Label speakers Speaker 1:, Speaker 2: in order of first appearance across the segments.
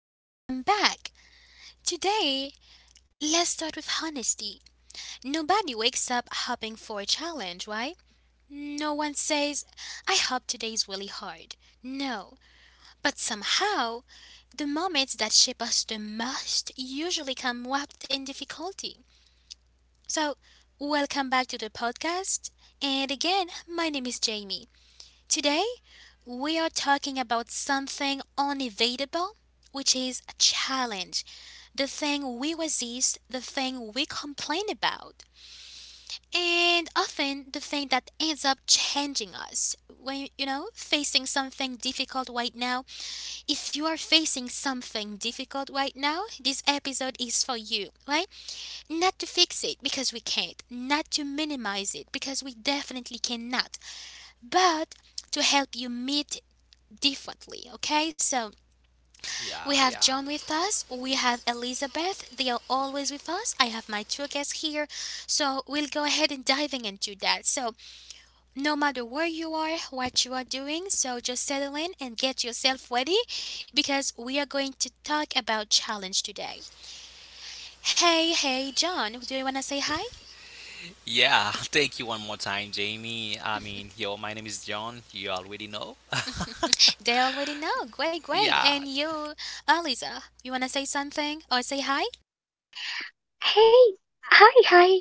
Speaker 1: welcome back. Today, let's start with honesty. Nobody wakes up hoping for a challenge, right? No one says, I hope today's really hard. No, but somehow, the moments that shape us the most usually come wrapped in difficulty. So, welcome back to the podcast. And again, my name is Jamie. Today, we are talking about something unavoidable, which is a challenge, the thing we resist, the thing we complain about, and often the thing that ends up changing us. When facing something difficult right now, if you are facing something difficult right now, this episode is for you, right? Not to fix it because we can't, not to minimize it because we definitely cannot, but to help you meet differently, okay? So,
Speaker 2: Yeah,
Speaker 1: we
Speaker 2: yeah.
Speaker 1: have John with us, we have Elizabeth, they are always with us. I have my two guests here, so we'll go ahead and diving into that. So, no matter where you are, what you are doing, so just settle in and get yourself ready because we are going to talk about challenge today. Hey, hey, John, do you want to say hi?
Speaker 2: Yeah, thank you one more time, Jamie. I mean, yo, my name is John. You already know.
Speaker 1: They already know. Great, great.
Speaker 2: Yeah,
Speaker 1: And you, Eliza, you want to say something or say hi?
Speaker 3: Hey, hi, hi.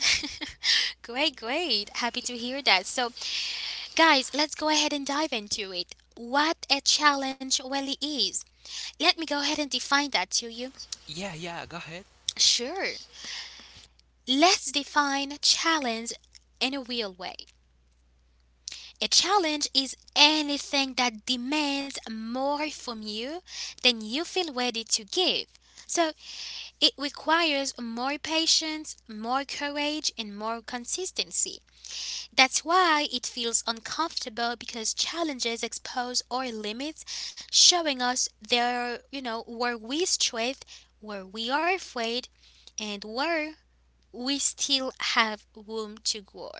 Speaker 1: Great, great. Happy to hear that. So, guys, let's go ahead and dive into it. What a challenge really is. Let me go ahead and define that to you.
Speaker 2: yeah, yeah, go ahead.
Speaker 1: Sure. Let's define challenge in a real way. A challenge is anything that demands more from you than you feel ready to give. So it requires more patience, more courage, and more consistency. That's why it feels uncomfortable because challenges expose our limits, showing us there, where we strength, where we are afraid, and where we still have room to grow.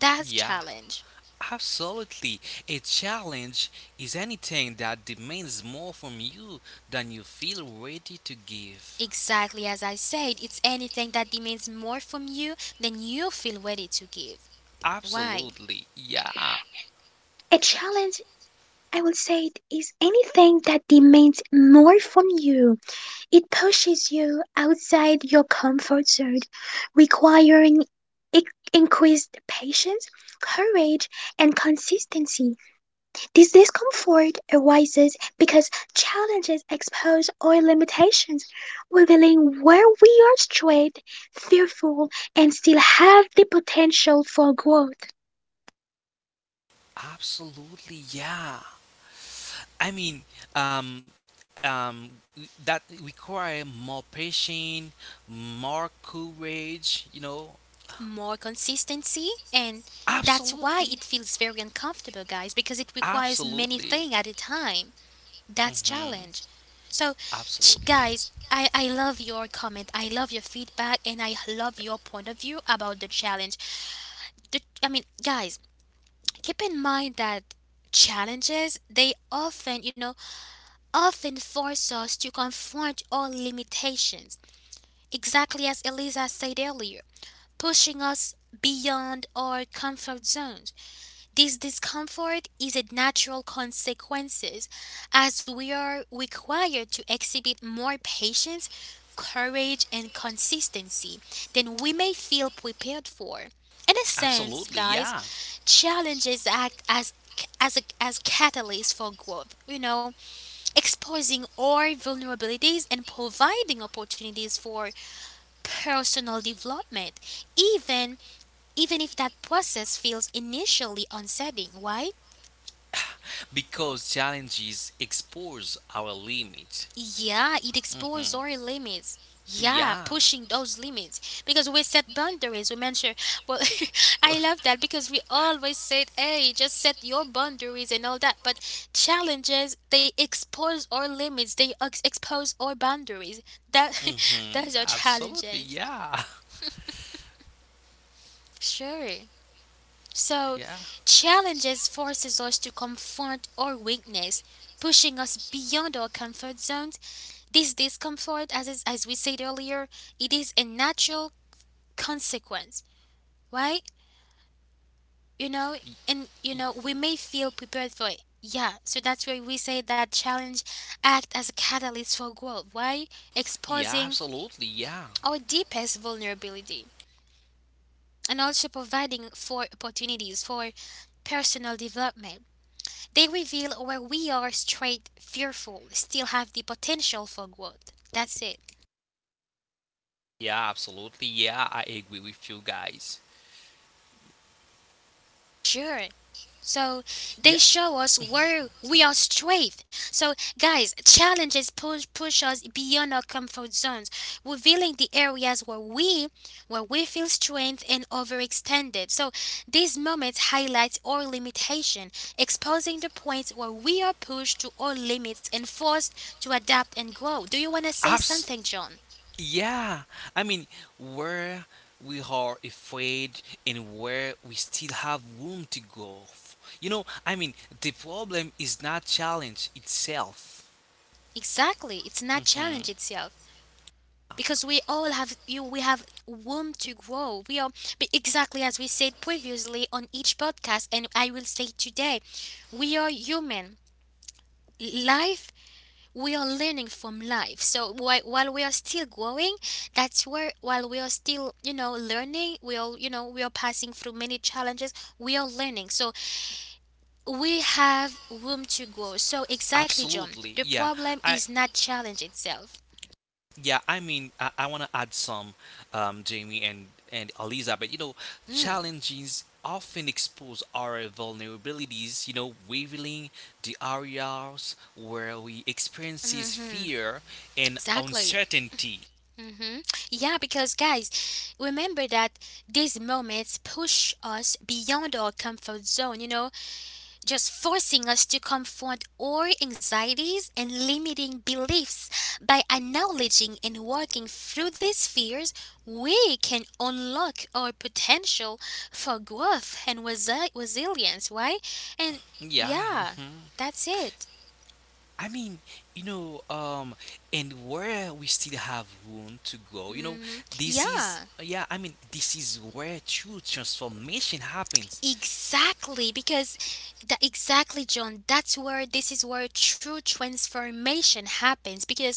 Speaker 1: That's
Speaker 2: Yeah,
Speaker 1: challenge.
Speaker 2: absolutely. A challenge is anything that demands more from you than you feel ready to give.
Speaker 1: Exactly as I said, it's anything that demands more from you than you feel ready to give. Why?
Speaker 2: Absolutely, yeah,
Speaker 3: A challenge, I would say, is anything that demands more from you. It pushes you outside your comfort zone, requiring i- increased patience, courage, and consistency. This discomfort arises because challenges expose our limitations, revealing where we are strained, fearful, and still have the potential for growth.
Speaker 2: absolutely, yeah. I mean, um, um, that require more patience, more courage.
Speaker 1: More consistency, and that's why
Speaker 2: Absolutely,
Speaker 1: it feels very uncomfortable, guys, because it requires many
Speaker 2: Absolutely.
Speaker 1: things at a time. That's challenge.
Speaker 2: Hmm.
Speaker 1: So,
Speaker 2: Absolutely.
Speaker 1: guys, I love your comment, I love your feedback, and I love your point of view about the challenge. I mean, guys, keep in mind that challenges, they often, often force us to confront our limitations, exactly as Eliza said earlier, pushing us beyond our comfort zones. This discomfort is a natural consequence as we are required to exhibit more patience, courage, and consistency than we may feel prepared for. In a sense,
Speaker 2: Absolutely.
Speaker 1: guys,
Speaker 2: Yeah.
Speaker 1: challenges act as a as catalyst for growth, you know, exposing our vulnerabilities and providing opportunities for personal development, even even if that process feels initially unsettling, right?
Speaker 2: Because challenges expose our limit.
Speaker 1: Yeah, it explores
Speaker 2: Hmm.
Speaker 1: our limits. Yeah,
Speaker 2: Yeah.
Speaker 1: pushing those limits because we set boundaries. We mention, well, I love that because we always said, hey, just set your boundaries and all that. But challenges, they expose our limits, they expose our boundaries. That,
Speaker 2: Hmm.
Speaker 1: those are
Speaker 2: Absolutely.
Speaker 1: challenges.
Speaker 2: Yeah.
Speaker 1: Sure. So,
Speaker 2: Yeah.
Speaker 1: challenges forces us to confront our weakness, pushing us beyond our comfort zones. This discomfort, as we said earlier, it is a natural consequence, right? You know, and you know we may feel prepared for it. Yeah, so that's why we say that challenge act as a catalyst for growth, why exposing
Speaker 2: Yeah, absolutely.
Speaker 1: our
Speaker 2: Yeah.
Speaker 1: deepest vulnerability and also providing for opportunities for personal development. They reveal where we are straight fearful, still have the potential for growth. That's it.
Speaker 2: Yeah, absolutely. Yeah, I agree with you guys.
Speaker 1: Sure. So
Speaker 2: Yeah.
Speaker 1: they show us where we are strength. So guys, challenges push us beyond our comfort zones, revealing the areas where we feel strength and overextended. So these moments highlight our limitation, exposing the points where we are pushed to our limits and forced to adapt and grow. Do you wanna say
Speaker 2: Abs
Speaker 1: something, John?
Speaker 2: yeah. I mean, where we are afraid and where we still have room to go. I mean, the problem is not challenge itself.
Speaker 1: Exactly. It's not
Speaker 2: Mhm.
Speaker 1: challenge itself because we all have you we have room to grow. We are, but exactly as we said previously on each podcast, and I will say today, we are human. Life, we are learning from life. So while we are still growing, that's where while we are still, you know, learning, we are, you know, we are passing through many challenges, we are learning. So we have room to grow. So exactly, John, the
Speaker 2: Absolutely. Yeah.
Speaker 1: problem
Speaker 2: I
Speaker 1: is not challenge itself.
Speaker 2: Yeah, I mean, I want to add some, Jamie and Elizabeth.
Speaker 1: Hmm.
Speaker 2: Challenges often expose our vulnerabilities, revealing the areas where we experiences
Speaker 1: Mm-hmm.
Speaker 2: fear and
Speaker 1: Exactly.
Speaker 2: uncertainty.
Speaker 1: Mm-hmm. Yeah, because guys, remember that these moments push us beyond our comfort zone, you know, just forcing us to confront our anxieties and limiting beliefs. By acknowledging and working through these fears, we can unlock our potential for growth and resilience, right? And
Speaker 2: Yeah.
Speaker 1: yeah,
Speaker 2: Mhm.
Speaker 1: that's it.
Speaker 2: I mean, you know, um, and where we still have room to grow. You know,
Speaker 1: Hmm.
Speaker 2: this is
Speaker 1: Yeah.
Speaker 2: yeah. I mean, this is where true transformation happens.
Speaker 1: Exactly, because that exactly, John. That's where this is where true transformation happens because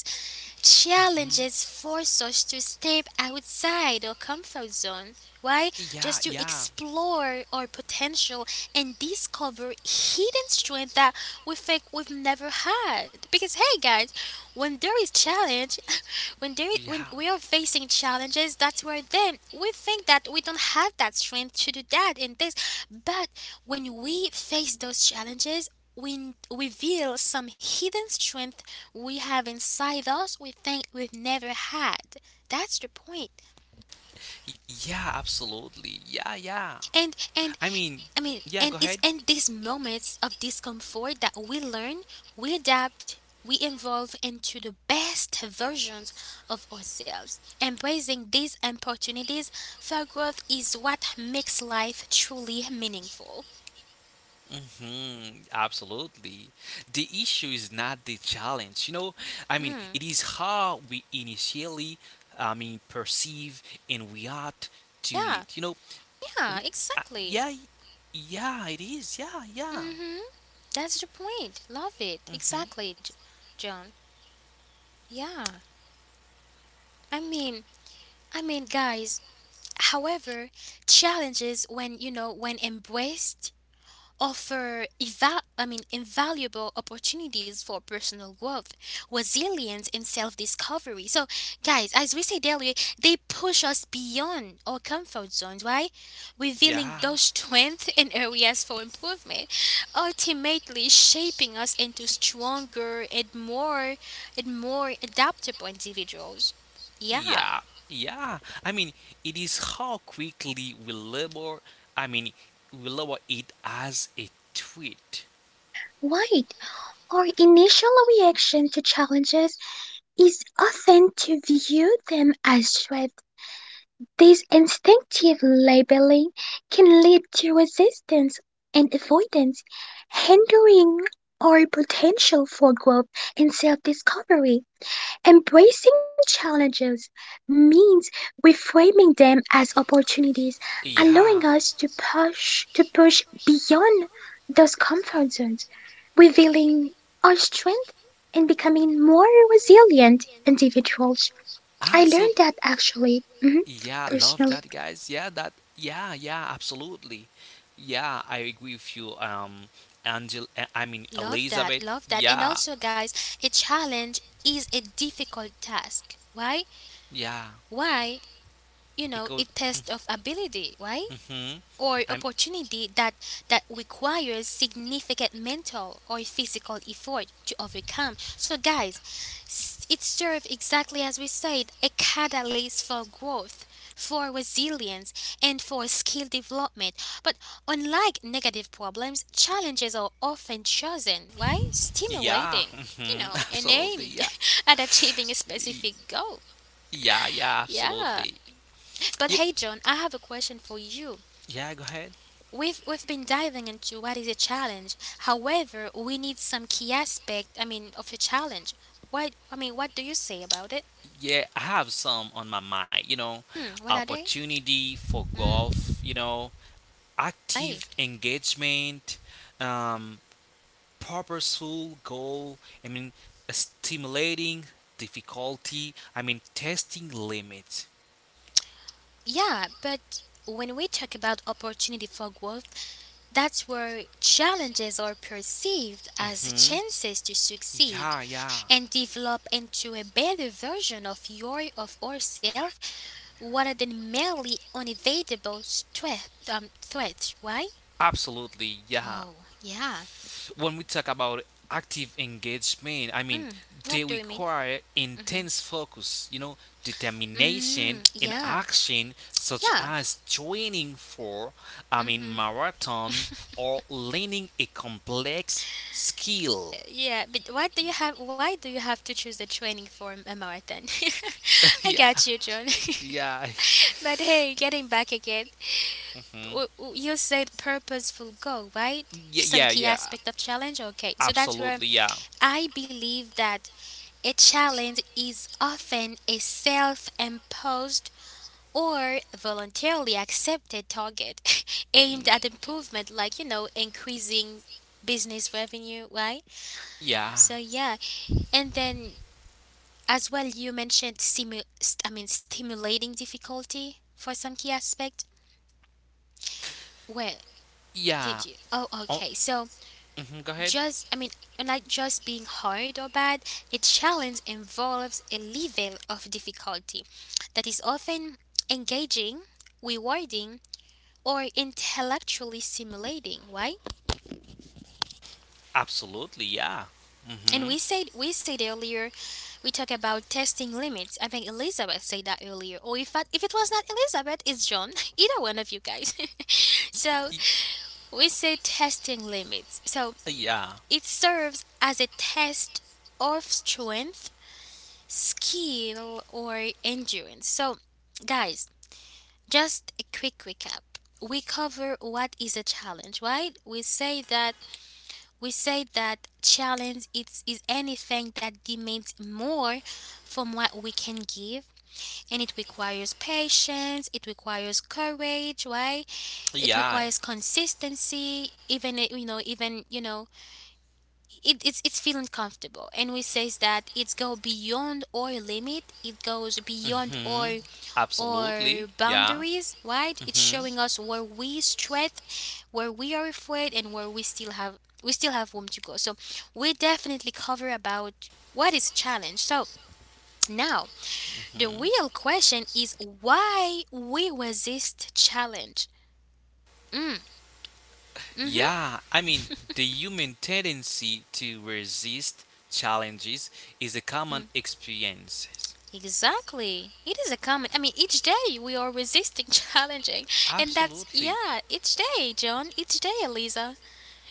Speaker 1: challenges force us to step outside our comfort zone. Why?
Speaker 2: Yeah,
Speaker 1: Just to
Speaker 2: yeah.
Speaker 1: explore our potential and discover hidden strength that we think we've never had. Because hey, guys, when there is challenge, when
Speaker 2: Yeah.
Speaker 1: we are facing challenges, that's where then we think that we don't have that strength to do that and this, but when we face those challenges we reveal some hidden strength we have inside us we think we've never had. That's the point.
Speaker 2: Yeah, absolutely. Yeah, yeah. I
Speaker 1: and
Speaker 2: mean,
Speaker 1: and
Speaker 2: yeah, go
Speaker 1: I
Speaker 2: ahead.
Speaker 1: mean, and it's in these moments of discomfort that we learn, we adapt, we evolve into the best versions of ourselves. Embracing these opportunities for growth is what makes life truly meaningful.
Speaker 2: Hmm. Absolutely. The issue is not the challenge. I mean, it is
Speaker 1: Hmm.
Speaker 2: how we initially, I mean, perceive and react to it.
Speaker 1: Yeah,
Speaker 2: we,
Speaker 1: yeah,
Speaker 2: uh, yeah,
Speaker 1: exactly.
Speaker 2: yeah, it is, yeah, yeah.
Speaker 1: Mm-hmm. That's the point. Love it.
Speaker 2: Mm-hmm.
Speaker 1: Exactly, John. Yeah. I mean, I mean, guys, however, challenges when, you know, when embraced offer I mean, invaluable opportunities for personal growth, resilience, and self discovery. So, guys, as we said earlier, they push us beyond our comfort zones, right? Revealing
Speaker 2: Yeah.
Speaker 1: those strengths and areas for improvement, ultimately shaping us into stronger and more adaptable individuals. Yeah,
Speaker 2: Yeah, yeah. I mean, it is how quickly we label. I mean, we label it as a tweet.
Speaker 3: Right. Our initial reaction to challenges is often to view them as threats. This instinctive labeling can lead to resistance and avoidance, hindering our potential for growth and self discovery. Embracing challenges means reframing them as opportunities, allowing
Speaker 2: Yeah,
Speaker 3: us to push beyond those comfort zones, revealing our strength and becoming more resilient individuals. I learned
Speaker 2: absolutely.
Speaker 3: that actually, mhm,
Speaker 2: Yeah, love
Speaker 3: personally.
Speaker 2: that, guys. Yeah, that. Yeah, yeah, absolutely. Yeah, I agree with you. Angel, I mean,
Speaker 1: love
Speaker 2: Elizabeth.
Speaker 1: that, love that. And
Speaker 2: Yeah,
Speaker 1: also, guys, a challenge is a difficult task. Why?
Speaker 2: yeah,
Speaker 1: Why? You know,
Speaker 2: because
Speaker 1: a test of ability, right?
Speaker 2: hmm
Speaker 1: Or
Speaker 2: I'm
Speaker 1: opportunity that requires significant mental or physical effort to overcome. So guys, it serves, exactly as we said, a catalyst for growth, for resilience, and for skill development. But unlike negative problems, challenges are often chosen, right?
Speaker 2: yeah,
Speaker 1: Stimulating, you
Speaker 2: hmm
Speaker 1: know, and
Speaker 2: absolutely,
Speaker 1: aimed
Speaker 2: yeah.
Speaker 1: at achieving a
Speaker 2: Y-
Speaker 1: specific goal.
Speaker 2: yeah, yeah,
Speaker 1: Yeah,
Speaker 2: absolutely.
Speaker 1: but
Speaker 2: Y-
Speaker 1: hey, John, I have a question for you.
Speaker 2: yeah, go ahead,
Speaker 1: We've been diving into what is a challenge. However, we need some key aspect. I mean, of a challenge. What I mean, what do you say about it?
Speaker 2: yeah, I have some on my mind.
Speaker 1: Hmm, what are they?
Speaker 2: Opportunity for
Speaker 1: Hmm,
Speaker 2: growth.
Speaker 1: hey,
Speaker 2: Active engagement, um, purposeful goal, I mean, stimulating difficulty, I mean, testing limits.
Speaker 1: yeah, but when we talk about opportunity for growth, that's where challenges are perceived as
Speaker 2: Hmm.
Speaker 1: chances to succeed
Speaker 2: Yeah, yeah.
Speaker 1: and develop into a better version of your of ourselves. What are the merely unavoidable threats? Why?
Speaker 2: Absolutely, yeah.
Speaker 1: Oh, yeah.
Speaker 2: When we talk about active engagement, I mean,
Speaker 1: Mm, what
Speaker 2: they
Speaker 1: do you mean?
Speaker 2: require
Speaker 1: Mm-hmm.
Speaker 2: intense focus,
Speaker 1: Mm,
Speaker 2: determination and
Speaker 1: yeah.
Speaker 2: action, such
Speaker 1: Yeah.
Speaker 2: as joining for, I mean,
Speaker 1: Mm-hmm.
Speaker 2: marathon or learning a complex skill.
Speaker 1: Yeah, but why do you have to choose a training for a marathon? I
Speaker 2: Yeah.
Speaker 1: got you, John.
Speaker 2: Yeah.
Speaker 1: But hey, getting back again,
Speaker 2: Mhm.
Speaker 1: you said purposeful goal, right?
Speaker 2: Yeah.
Speaker 1: Some
Speaker 2: Yeah.
Speaker 1: key
Speaker 2: Yeah.
Speaker 1: aspect of challenge. Okay, so that's where
Speaker 2: Absolutely. Yeah.
Speaker 1: I believe that a challenge is often a self imposed or voluntarily accepted target aimed at improvement, like, you know, increasing business revenue, right?
Speaker 2: Yeah.
Speaker 1: So, yeah. And then, as well, you mentioned, I mean, stimulating difficulty for some key aspect. Where
Speaker 2: Yeah.
Speaker 1: did you? Oh,
Speaker 2: Oh,
Speaker 1: okay. So,
Speaker 2: mhm. Go ahead.
Speaker 1: just I mean, not just being hard or bad, a challenge involves a level of difficulty that is often engaging, rewarding, or intellectually stimulating, right?
Speaker 2: Absolutely, yeah.
Speaker 1: And
Speaker 2: Mhm.
Speaker 1: we said earlier we talk about testing limits. I think Elizabeth said that earlier. Or if that, if it was not Elizabeth, it's John. Either one of you guys. So
Speaker 2: Y-
Speaker 1: we say testing limits. So
Speaker 2: Yeah.
Speaker 1: it serves as a test of strength, skill, or endurance. So, guys, just a quick recap. We cover what is a challenge, right? We say that challenge it's is anything that demands more from what we can give, and it requires patience, it requires courage, right? It
Speaker 2: Yeah.
Speaker 1: requires consistency, even you know, it's feeling comfortable, and we says that it's go beyond our limit, it goes beyond
Speaker 2: Mhm. Absolutely,
Speaker 1: our
Speaker 2: yeah.
Speaker 1: boundaries, right? It's
Speaker 2: Mhm.
Speaker 1: showing us where we strength, where we are afraid, and where we still have room to go. So we definitely cover about what is challenge. So now the
Speaker 2: Mhm.
Speaker 1: real question is why we resist challenge. Mhm.
Speaker 2: Yeah, I mean, the human tendency to resist challenges is a common experience.
Speaker 1: Exactly. It is a common. I mean, each day we are resisting challenging. And that's,
Speaker 2: Absolutely.
Speaker 1: yeah, each day, John, each day, Eliza.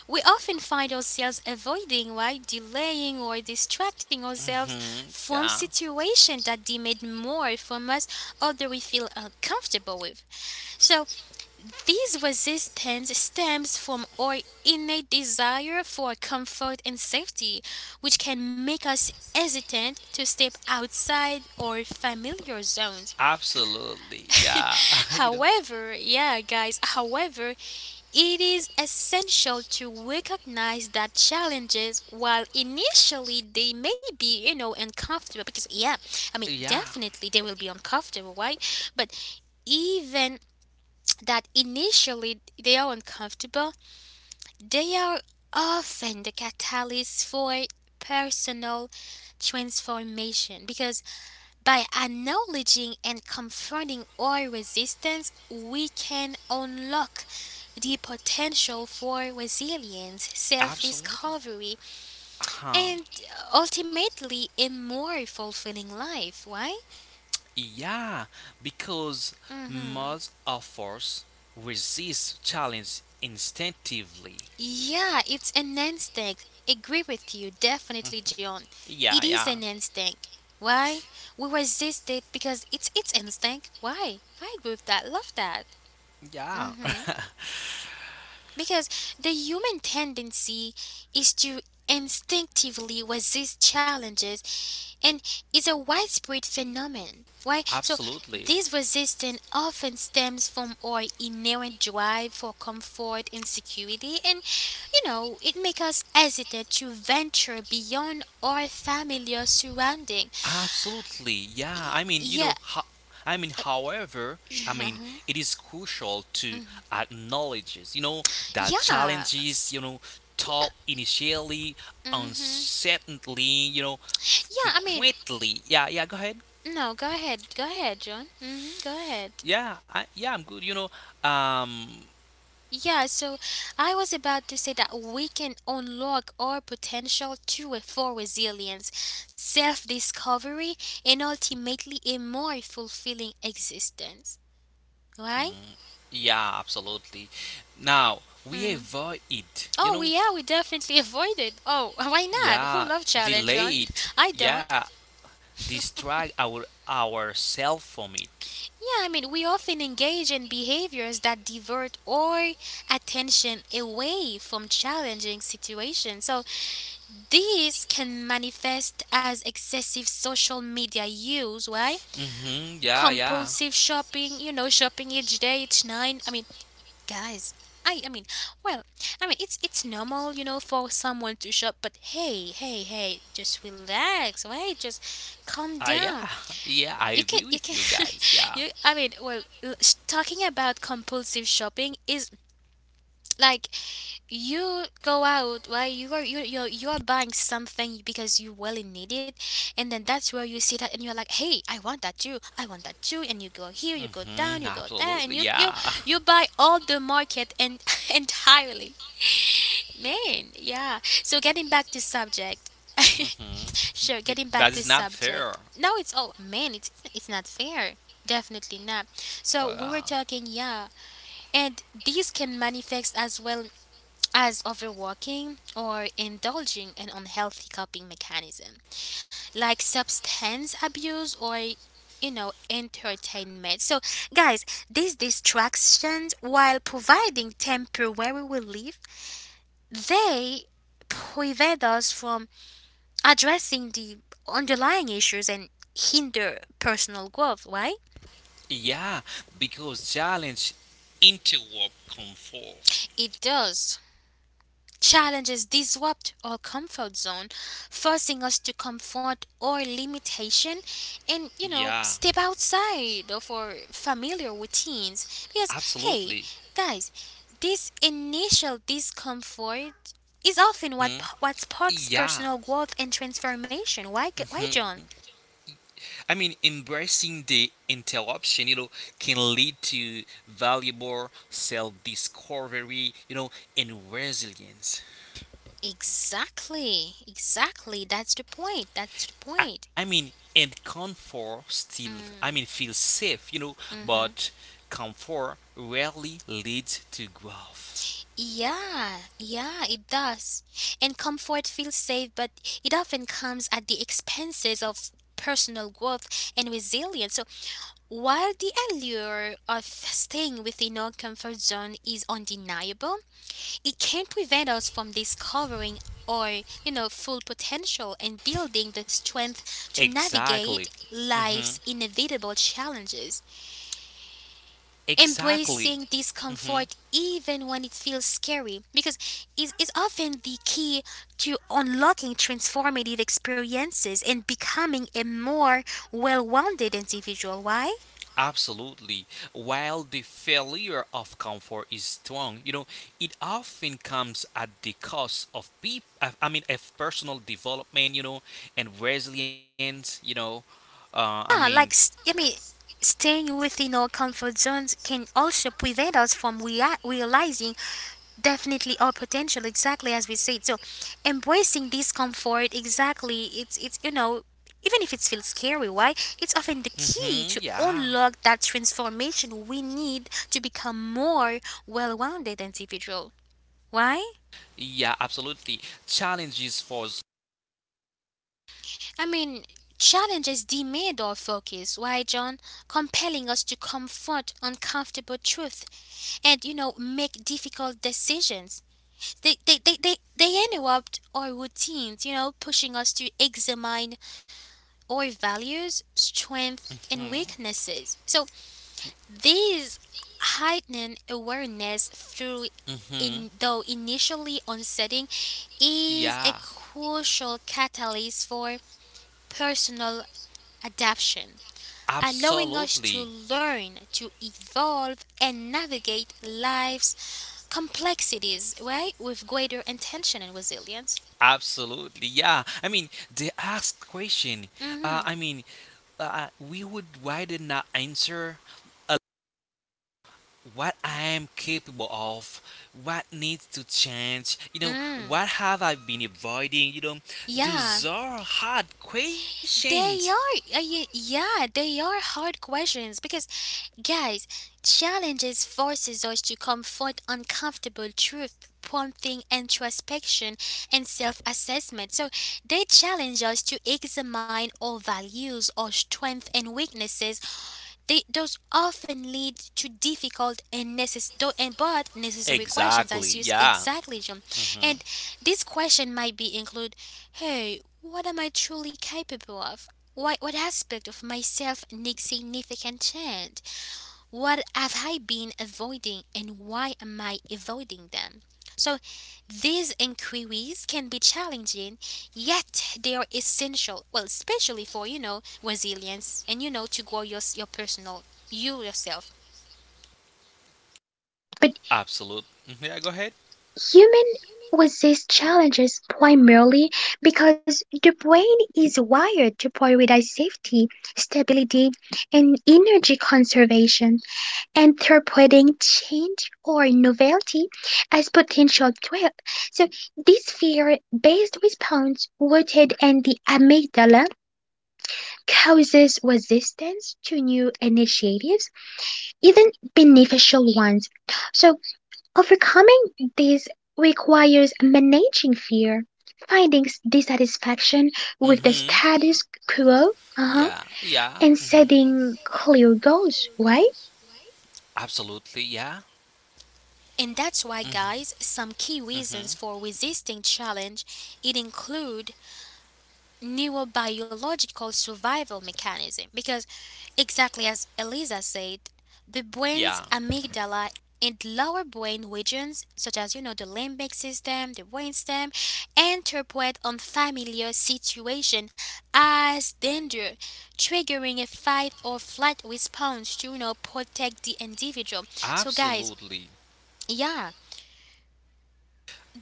Speaker 1: We often find ourselves avoiding, right? Delaying or distracting ourselves
Speaker 2: Mhm.
Speaker 1: from
Speaker 2: Yeah.
Speaker 1: situations that demand more from us or that we feel uncomfortable with. So, this resistance stems from our innate desire for comfort and safety, which can make us hesitant to step outside our familiar zones.
Speaker 2: Absolutely. Yeah. you know.
Speaker 1: Yeah, guys, however, it is essential to recognize that challenges, while initially they may be, uncomfortable, because, yeah, I mean,
Speaker 2: Yeah.
Speaker 1: definitely they will be uncomfortable, right? But even that initially they are uncomfortable, they are often the catalyst for personal transformation, because by acknowledging and confronting our resistance, we can unlock the potential for resilience, self
Speaker 2: Absolutely.
Speaker 1: discovery,
Speaker 2: Huh.
Speaker 1: and ultimately a more fulfilling life. Why?
Speaker 2: Yeah, because
Speaker 1: Mm hmm
Speaker 2: most of us resist challenge instinctively.
Speaker 1: Yeah, it's an instinct. Agree with you, definitely, John. It
Speaker 2: Yeah,
Speaker 1: is
Speaker 2: yeah.
Speaker 1: an instinct. Why? We resist it because it's instinct. Why? I agree with that. Love that.
Speaker 2: Yeah,
Speaker 1: Mm hmm Because the human tendency is to instinctively resist challenges and is a widespread phenomenon. Why? So
Speaker 2: absolutely.
Speaker 1: this resistance often stems from our inherent drive for comfort and security, and, you know, it makes us hesitant to venture beyond our familiar surrounding.
Speaker 2: Absolutely. Yeah. I
Speaker 1: Y-
Speaker 2: mean,
Speaker 1: yeah.
Speaker 2: I mean, however, I mean,
Speaker 1: Mhm.
Speaker 2: it is crucial to
Speaker 1: Mm.
Speaker 2: acknowledge, that
Speaker 1: Yeah.
Speaker 2: challenges,
Speaker 1: Yeah.
Speaker 2: top initially,
Speaker 1: Hmm.
Speaker 2: uncertainly,
Speaker 1: Yeah, I mean,
Speaker 2: frequently. Yeah, yeah, go ahead.
Speaker 1: no, go ahead. Go ahead, John. Go ahead.
Speaker 2: Yeah, yeah, I'm good. Um,
Speaker 1: Yeah, so I was about to say that we can unlock our potential to a for resilience, self discovery, and ultimately a more fulfilling existence. Right?
Speaker 2: Yeah, absolutely. Now we
Speaker 1: Mm-hmm.
Speaker 2: avoid it.
Speaker 1: Oh, we, yeah, we definitely avoid it. Oh, why not? Who
Speaker 2: Yeah,
Speaker 1: love challenge, John?
Speaker 2: delay it.
Speaker 1: I don't.
Speaker 2: Yeah, distract our ourselves from it.
Speaker 1: Yeah, I mean, we often engage in behaviors that divert our attention away from challenging situations. So, this can manifest as excessive social media use, right?
Speaker 2: Mhm. Yeah, yeah.
Speaker 1: Compulsive shopping, shopping each day, each night. I mean, guys, I mean, well, I mean it's normal, for someone to shop, but hey, hey, hey, just relax, wait, just calm down.
Speaker 2: Yeah, yeah. I
Speaker 1: you can
Speaker 2: agree
Speaker 1: you
Speaker 2: with
Speaker 1: can
Speaker 2: you guys. Yeah.
Speaker 1: You, I mean, well, talking about compulsive shopping is like, you go out, right? You're buying something because you really need it, and then that's where you see that and you're like, hey, I want that too, I want that too, and you go here, you go down,
Speaker 2: Mhm.
Speaker 1: you go there, and
Speaker 2: Absolutely.
Speaker 1: you you
Speaker 2: Yeah.
Speaker 1: you buy all the market and entirely, man. Yeah, so getting back to subject.
Speaker 2: Mhm.
Speaker 1: Sure, getting back
Speaker 2: That
Speaker 1: to
Speaker 2: is not
Speaker 1: subject.
Speaker 2: fair.
Speaker 1: No, it's all, man. It's not fair. Definitely not. So we were
Speaker 2: Uh,
Speaker 1: talking, yeah, and these can manifest as well as overworking or indulging in unhealthy coping mechanism, like substance abuse or, you know, entertainment. So, guys, these distractions, while providing temporary relief, they prevent us from addressing the underlying issues and hinder personal growth, right?
Speaker 2: yeah, because challenge interrupt comfort.
Speaker 1: It does. Challenges disrupt our comfort zone, forcing us to confront our limitation and, you know,
Speaker 2: Yeah,
Speaker 1: step outside of our familiar routines. Because, hey,
Speaker 2: absolutely.
Speaker 1: guys, this initial discomfort is often what
Speaker 2: Mhm.
Speaker 1: what sparks personal
Speaker 2: Yeah.
Speaker 1: growth and transformation. Why, why, John?
Speaker 2: Hmm. I mean, embracing the interruption, can lead to valuable self discovery, and resilience.
Speaker 1: Exactly, exactly. That's the point. That's the point.
Speaker 2: I mean, and comfort still, I mean,
Speaker 1: Mm.
Speaker 2: feel safe,
Speaker 1: Mm-hmm.
Speaker 2: but comfort rarely leads to growth.
Speaker 1: Yeah, yeah, it does. And comfort feels safe, but it often comes at the expenses of personal growth and resilience. So, while the allure of staying within our comfort zone is undeniable, it can't prevent us from discovering our, you know, full potential and building the strength to navigate
Speaker 2: Exactly. Hmm.
Speaker 1: life's inevitable challenges.
Speaker 2: Exactly.
Speaker 1: Embracing
Speaker 2: Hmm.
Speaker 1: discomfort even when it feels scary, because it is often the key to unlocking transformative experiences and becoming a more well-rounded individual. Why?
Speaker 2: Absolutely. While the failure of comfort is strong, it often comes at the cost of people. I mean, of personal development, and resilience. I mean,
Speaker 1: Yeah, like I mean, staying within our comfort zones can also prevent us from realizing definitely our potential. Exactly as we said. So, embracing discomfort, exactly, it's you know, even if it feels scary, why? It's often the
Speaker 2: hmm.
Speaker 1: key to unlock that transformation we need to become more well-rounded individual. Why?
Speaker 2: Yeah, absolutely. Challenges for.
Speaker 1: I mean, challenges demand our focus. Why, John? Compelling us to confront uncomfortable truth and, you know, make difficult decisions. They interrupt our routines, you know, pushing us to examine our values, strengths, and weaknesses. So, these heightened awareness through,
Speaker 2: Mm-hmm.
Speaker 1: in though initially unsettling, is
Speaker 2: Yeah,
Speaker 1: a crucial catalyst for personal adaption, allowing us
Speaker 2: absolutely.
Speaker 1: to learn, to evolve, and navigate life's complexities, right? With greater intention and resilience.
Speaker 2: Absolutely, yeah. I mean, they ask question.
Speaker 1: Hmm.
Speaker 2: I mean, we would rather not answer uh, what I am capable of, what needs to change.
Speaker 1: Mm.
Speaker 2: What have I been avoiding?
Speaker 1: Yeah,
Speaker 2: Those are hard questions.
Speaker 1: they are, yeah, they are hard questions because, guys, challenges forces us to confront uncomfortable truth, prompting introspection and self-assessment. So they challenge us to examine our values, our strengths and weaknesses, they, those often lead to difficult and, and but necessary questions,
Speaker 2: Exactly,
Speaker 1: as you
Speaker 2: yeah.
Speaker 1: exactly, John.
Speaker 2: Hmm.
Speaker 1: And this question might be include, hey, what am I truly capable of? Why, what aspect of myself needs significant change? What have I been avoiding and why am I avoiding them? So, these inquiries can be challenging, yet they are essential. Well, especially for, you know, resilience and, you know, to grow your personal you yourself.
Speaker 3: But
Speaker 2: Absolute. Mhm. Yeah, go ahead.
Speaker 3: humans resist challenges primarily because the brain is wired to prioritize safety, stability, and energy conservation, interpreting change or novelty as potential threat. So this fear based response, rooted in the amygdala, causes resistance to new initiatives, even beneficial ones. So overcoming this requires managing fear, finding dissatisfaction with the
Speaker 2: Hmm.
Speaker 3: status quo,
Speaker 2: Yeah,
Speaker 3: uh-huh,
Speaker 2: yeah. Hmm.
Speaker 3: and setting clear goals, right?
Speaker 2: Absolutely, yeah.
Speaker 1: And that's why,
Speaker 2: Hmm.
Speaker 1: guys, some key
Speaker 2: Hmm.
Speaker 1: reasons for resisting challenge it include neurobiological survival mechanism, because exactly as Eliza said, the
Speaker 2: Yeah.
Speaker 1: brain's amygdala and lower brain regions, such as, you know, the limbic system, the brainstem, interpret unfamiliar situation as danger, triggering a fight or flight response to, you know, protect the individual. So, guys,
Speaker 2: Absolutely.
Speaker 1: yeah,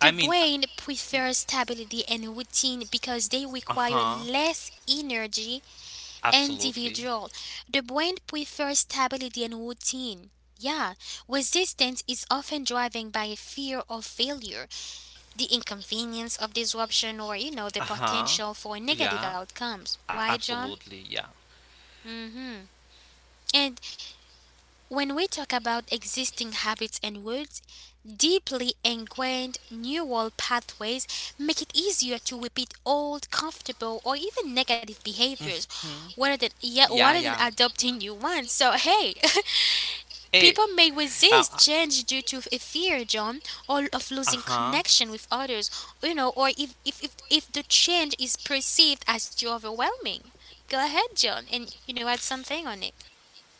Speaker 2: I mean,
Speaker 1: brain prefers stability and routine because they
Speaker 2: uh
Speaker 1: require
Speaker 2: huh.
Speaker 1: less energy.
Speaker 2: Absolutely.
Speaker 1: Individual. The brain prefers stability and routine. Yeah, resistance is often driven by a fear of failure, the inconvenience of disruption, or, you know, the
Speaker 2: Uh huh.
Speaker 1: potential for negative
Speaker 2: Yeah.
Speaker 1: outcomes. Why, John?
Speaker 2: Absolutely. Yeah.
Speaker 1: Mm hmm. And when we talk about existing habits and words, deeply ingrained neural pathways make it easier to repeat old, comfortable, or even negative behaviors
Speaker 2: Mhm.
Speaker 1: rather than, yeah,
Speaker 2: Yeah.
Speaker 1: rather than
Speaker 2: Yeah.
Speaker 1: adopting new ones. So, hey,
Speaker 2: Hey.
Speaker 1: people may
Speaker 2: Uh.
Speaker 1: resist change due to a fear, John, or of
Speaker 2: Uh
Speaker 1: losing
Speaker 2: huh.
Speaker 1: connection with others, you know, or if, the change is perceived as too overwhelming. Go ahead, John, and, you know, add something on it.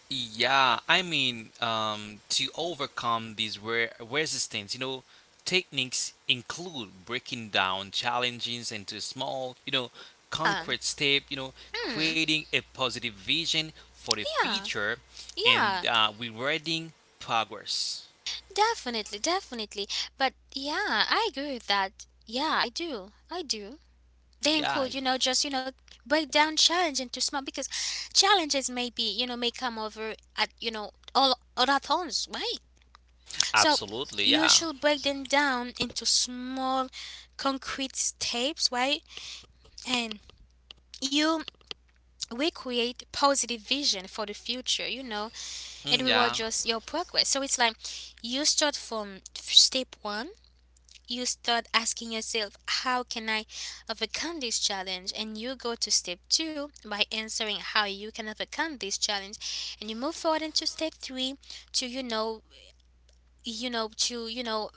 Speaker 2: Yeah, I mean, to overcome these resistance, techniques include breaking down challenges into small,
Speaker 1: Um,
Speaker 2: concrete step.
Speaker 1: hmm,
Speaker 2: Creating a positive vision for the
Speaker 1: yeah.
Speaker 2: future and
Speaker 1: Yeah,
Speaker 2: rewarding progress.
Speaker 1: definitely, definitely. But yeah, I agree with that. Yeah, I do. I do. They
Speaker 2: Yeah.
Speaker 1: include, you know, just, you know, break down challenge into small, because challenges may be, you know, may come over at, you know, all other tones, right? So
Speaker 2: Absolutely,
Speaker 1: you
Speaker 2: yeah.
Speaker 1: should break them down into small concrete steps, right? And you, we create positive vision for the future, you know, and we
Speaker 2: Mm,
Speaker 1: will
Speaker 2: yeah.
Speaker 1: just your progress. So it's like you start from step one. You start asking yourself, how can I overcome this challenge? And you go to step two by answering how you can overcome this challenge. And you move forward into step three to, you know, to, you know,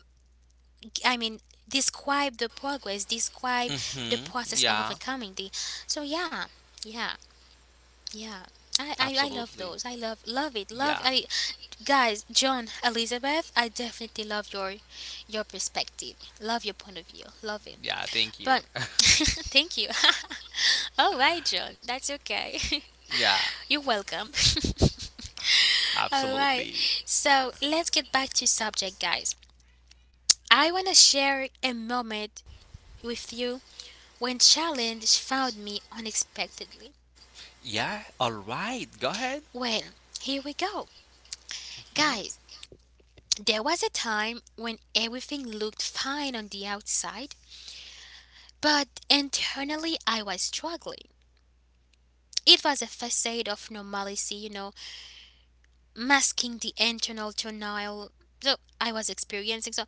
Speaker 1: I mean, describe the progress, describe the
Speaker 2: Mhm.
Speaker 1: process of
Speaker 2: Yeah.
Speaker 1: overcoming the. So, yeah, yeah, yeah. I love
Speaker 2: Absolutely.
Speaker 1: those. I love it. Love
Speaker 2: Yeah.
Speaker 1: I Guys, John, Elizabeth, I definitely love your perspective. Love your point of view. Love it.
Speaker 2: Yeah, thank
Speaker 1: But
Speaker 2: you.
Speaker 1: thank you. All right, John, that's okay.
Speaker 2: Yeah,
Speaker 1: You're welcome. All right.
Speaker 2: absolutely.
Speaker 1: So, let's get back to subject, guys. I want to share a moment with you when challenge found me unexpectedly.
Speaker 2: Yeah, all right. Go ahead.
Speaker 1: Well, here we go.
Speaker 2: Hmm?
Speaker 1: Guys, there was a time when everything looked fine on the outside, but internally I was struggling. It was a facade of normalcy, you know, masking the internal turmoil so I was experiencing. So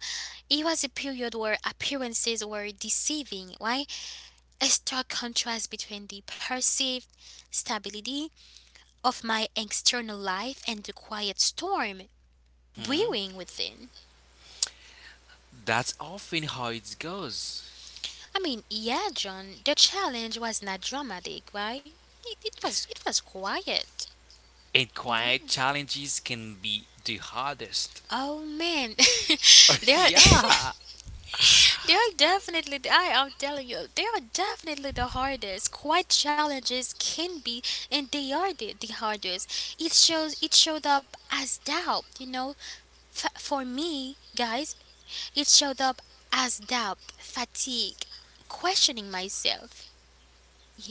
Speaker 1: it was a period where appearances were deceiving, right? A stark contrast between the perceived stability of my external life and the quiet storm brewing within.
Speaker 2: That's often how it goes.
Speaker 1: I mean, yeah, John, the challenge was not dramatic, right? It was quiet.
Speaker 2: And
Speaker 1: Yeah.
Speaker 2: quiet challenges can be the hardest.
Speaker 1: Oh, man, there. Are
Speaker 2: Yeah.
Speaker 1: they are definitely, I am telling you, they are definitely the hardest. Quite challenges can be, and they are the hardest. It shows, it showed up as doubt, you know. For me, guys, it showed up as doubt, fatigue, questioning myself.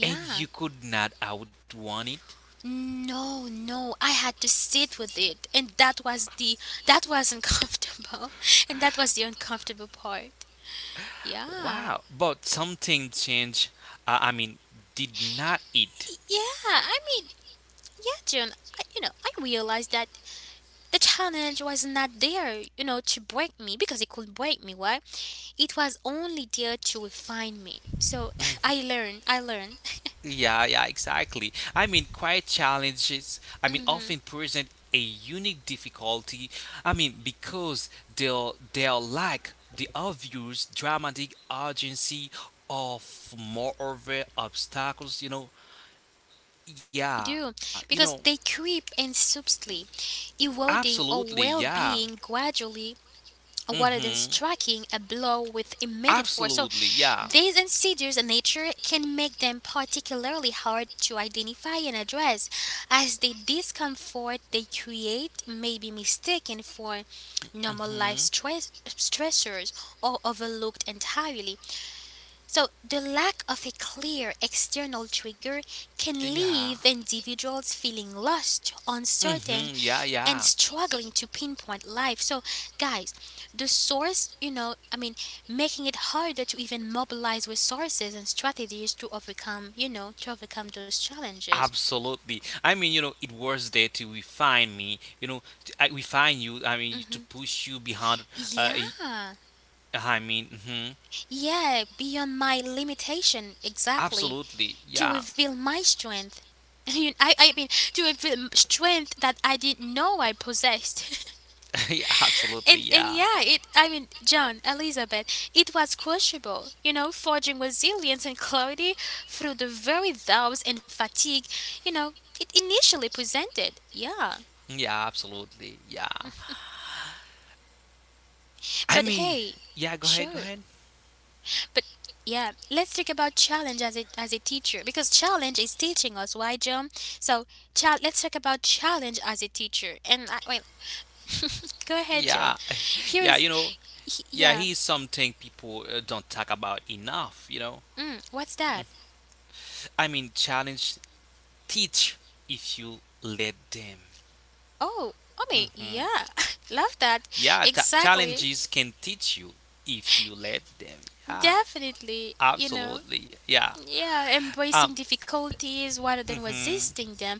Speaker 2: And you could not outrun it.
Speaker 1: No, no, I had to sit with it, and that was the, that was uncomfortable, and that was the uncomfortable part. Yeah.
Speaker 2: Wow. But something changed. I mean, did not it?
Speaker 1: Yeah, I mean, yeah, June, I realized that the challenge was not there, you know, to break me because it could break me, right? It was only there to refine me. So I learned, I learned.
Speaker 2: Yeah, yeah, exactly. I mean, quiet challenges, I mean,
Speaker 1: hmm
Speaker 2: often present a unique difficulty. I mean, because they'll lack the obvious dramatic urgency of moreover obstacles, Yeah,
Speaker 1: I do. Because they creep in subtly,
Speaker 2: absolutely,
Speaker 1: eroding our
Speaker 2: yeah.
Speaker 1: well being gradually rather
Speaker 2: Mm-hmm.
Speaker 1: than striking a blow with immediate force. So,
Speaker 2: Absolutely, yeah.
Speaker 1: these insidious nature can make them particularly hard to identify and address, as the discomfort they create may be mistaken for normal life
Speaker 2: Mm-hmm.
Speaker 1: stressors or overlooked entirely. So, the lack of a clear external trigger can
Speaker 2: Yeah.
Speaker 1: leave individuals feeling lost, uncertain,
Speaker 2: Mm-hmm. Yeah,
Speaker 1: and
Speaker 2: yeah.
Speaker 1: struggling to pinpoint life. So, guys, the source, you know, I mean, making it harder to even mobilize resources and strategies to overcome, you know, to overcome those challenges.
Speaker 2: Absolutely. I mean, it was there to refine me, to I refine you, I mean, to
Speaker 1: Hmm.
Speaker 2: push you behind, uh, y-
Speaker 1: Yeah,
Speaker 2: I mean, mhm,
Speaker 1: yeah, beyond my limitation, exactly,
Speaker 2: absolutely.
Speaker 1: to
Speaker 2: Yeah.
Speaker 1: reveal my strength. I, mean, to reveal strength that I didn't know I possessed.
Speaker 2: Yeah, absolutely.
Speaker 1: And
Speaker 2: Yeah.
Speaker 1: yeah, it I mean, John, Elizabeth, it was crushable, you know, forging resilience and clarity through the very doubts and fatigue, you know, it initially presented. Yeah.
Speaker 2: Yeah, absolutely. Yeah. I
Speaker 1: But
Speaker 2: mean,
Speaker 1: hey,
Speaker 2: yeah, go ahead, go
Speaker 1: sure.
Speaker 2: ahead.
Speaker 1: But yeah, let's talk about challenge as a teacher because challenge is teaching us, why, John? So, chal let's talk about challenge as a teacher. And well, go ahead, John.
Speaker 2: Yeah.
Speaker 1: Here
Speaker 2: Yeah,
Speaker 1: is he-
Speaker 2: yeah,
Speaker 1: yeah.
Speaker 2: he's something people don't talk about enough.
Speaker 1: Mm, what's that?
Speaker 2: I mean, challenge, teach if you let them.
Speaker 1: Oh, I mean,
Speaker 2: Mm-hmm.
Speaker 1: yeah, love that.
Speaker 2: Yeah, ta
Speaker 1: Exactly.
Speaker 2: challenges can teach you if you let them. Yeah,
Speaker 1: Definitely.
Speaker 2: absolutely. Yeah.
Speaker 1: Yeah,
Speaker 2: Um.
Speaker 1: embracing difficulties rather than
Speaker 2: Hmm.
Speaker 1: resisting them.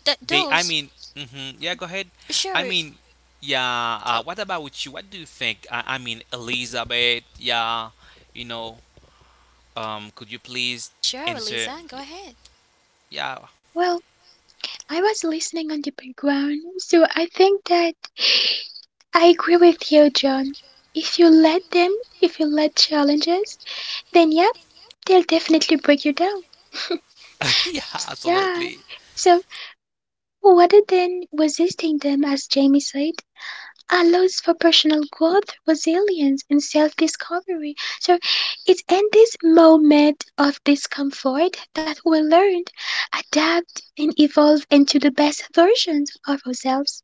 Speaker 1: That
Speaker 2: They. I
Speaker 1: those
Speaker 2: mean. Hmm. Yeah. Go ahead. I
Speaker 1: sure
Speaker 2: mean. Yeah.
Speaker 1: th-
Speaker 2: What about you? What do you think? I mean, Elizabeth. Yeah. You know. Could you please
Speaker 1: sure,
Speaker 2: answer?
Speaker 1: Lisa, go
Speaker 2: Yeah.
Speaker 1: ahead.
Speaker 2: Yeah.
Speaker 3: Well, I was listening on the background, so I think that I agree with you, John. If you let them, if you let challenges, then yeah, they'll definitely break you down.
Speaker 2: Yeah.
Speaker 3: Yeah.
Speaker 2: Absolutely.
Speaker 3: So rather than resisting them, as Jamie said, allows for personal growth, resilience, and self discovery. So it's in this moment of discomfort that we learn, adapt, and evolve into the best versions of ourselves.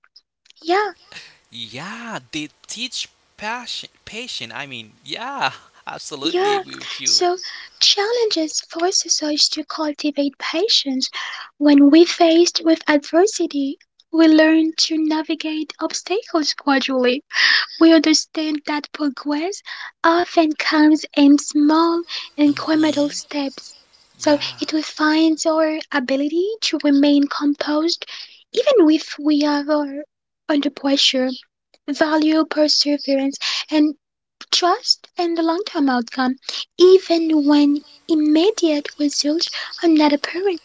Speaker 3: Yeah,
Speaker 2: Yeah. They teach passion. Patient. I mean. Yeah. Absolutely
Speaker 3: yeah.
Speaker 2: agree with you.
Speaker 3: So challenges forces us to cultivate patience. When we faced with adversity, we learn to navigate obstacles gradually. We understand that progress often comes in small incremental
Speaker 2: Hmm.
Speaker 3: steps. So
Speaker 2: Yeah.
Speaker 3: it refines our ability to remain composed even if we are under pressure, value perseverance and trust in the long term outcome, even when immediate results are not apparent.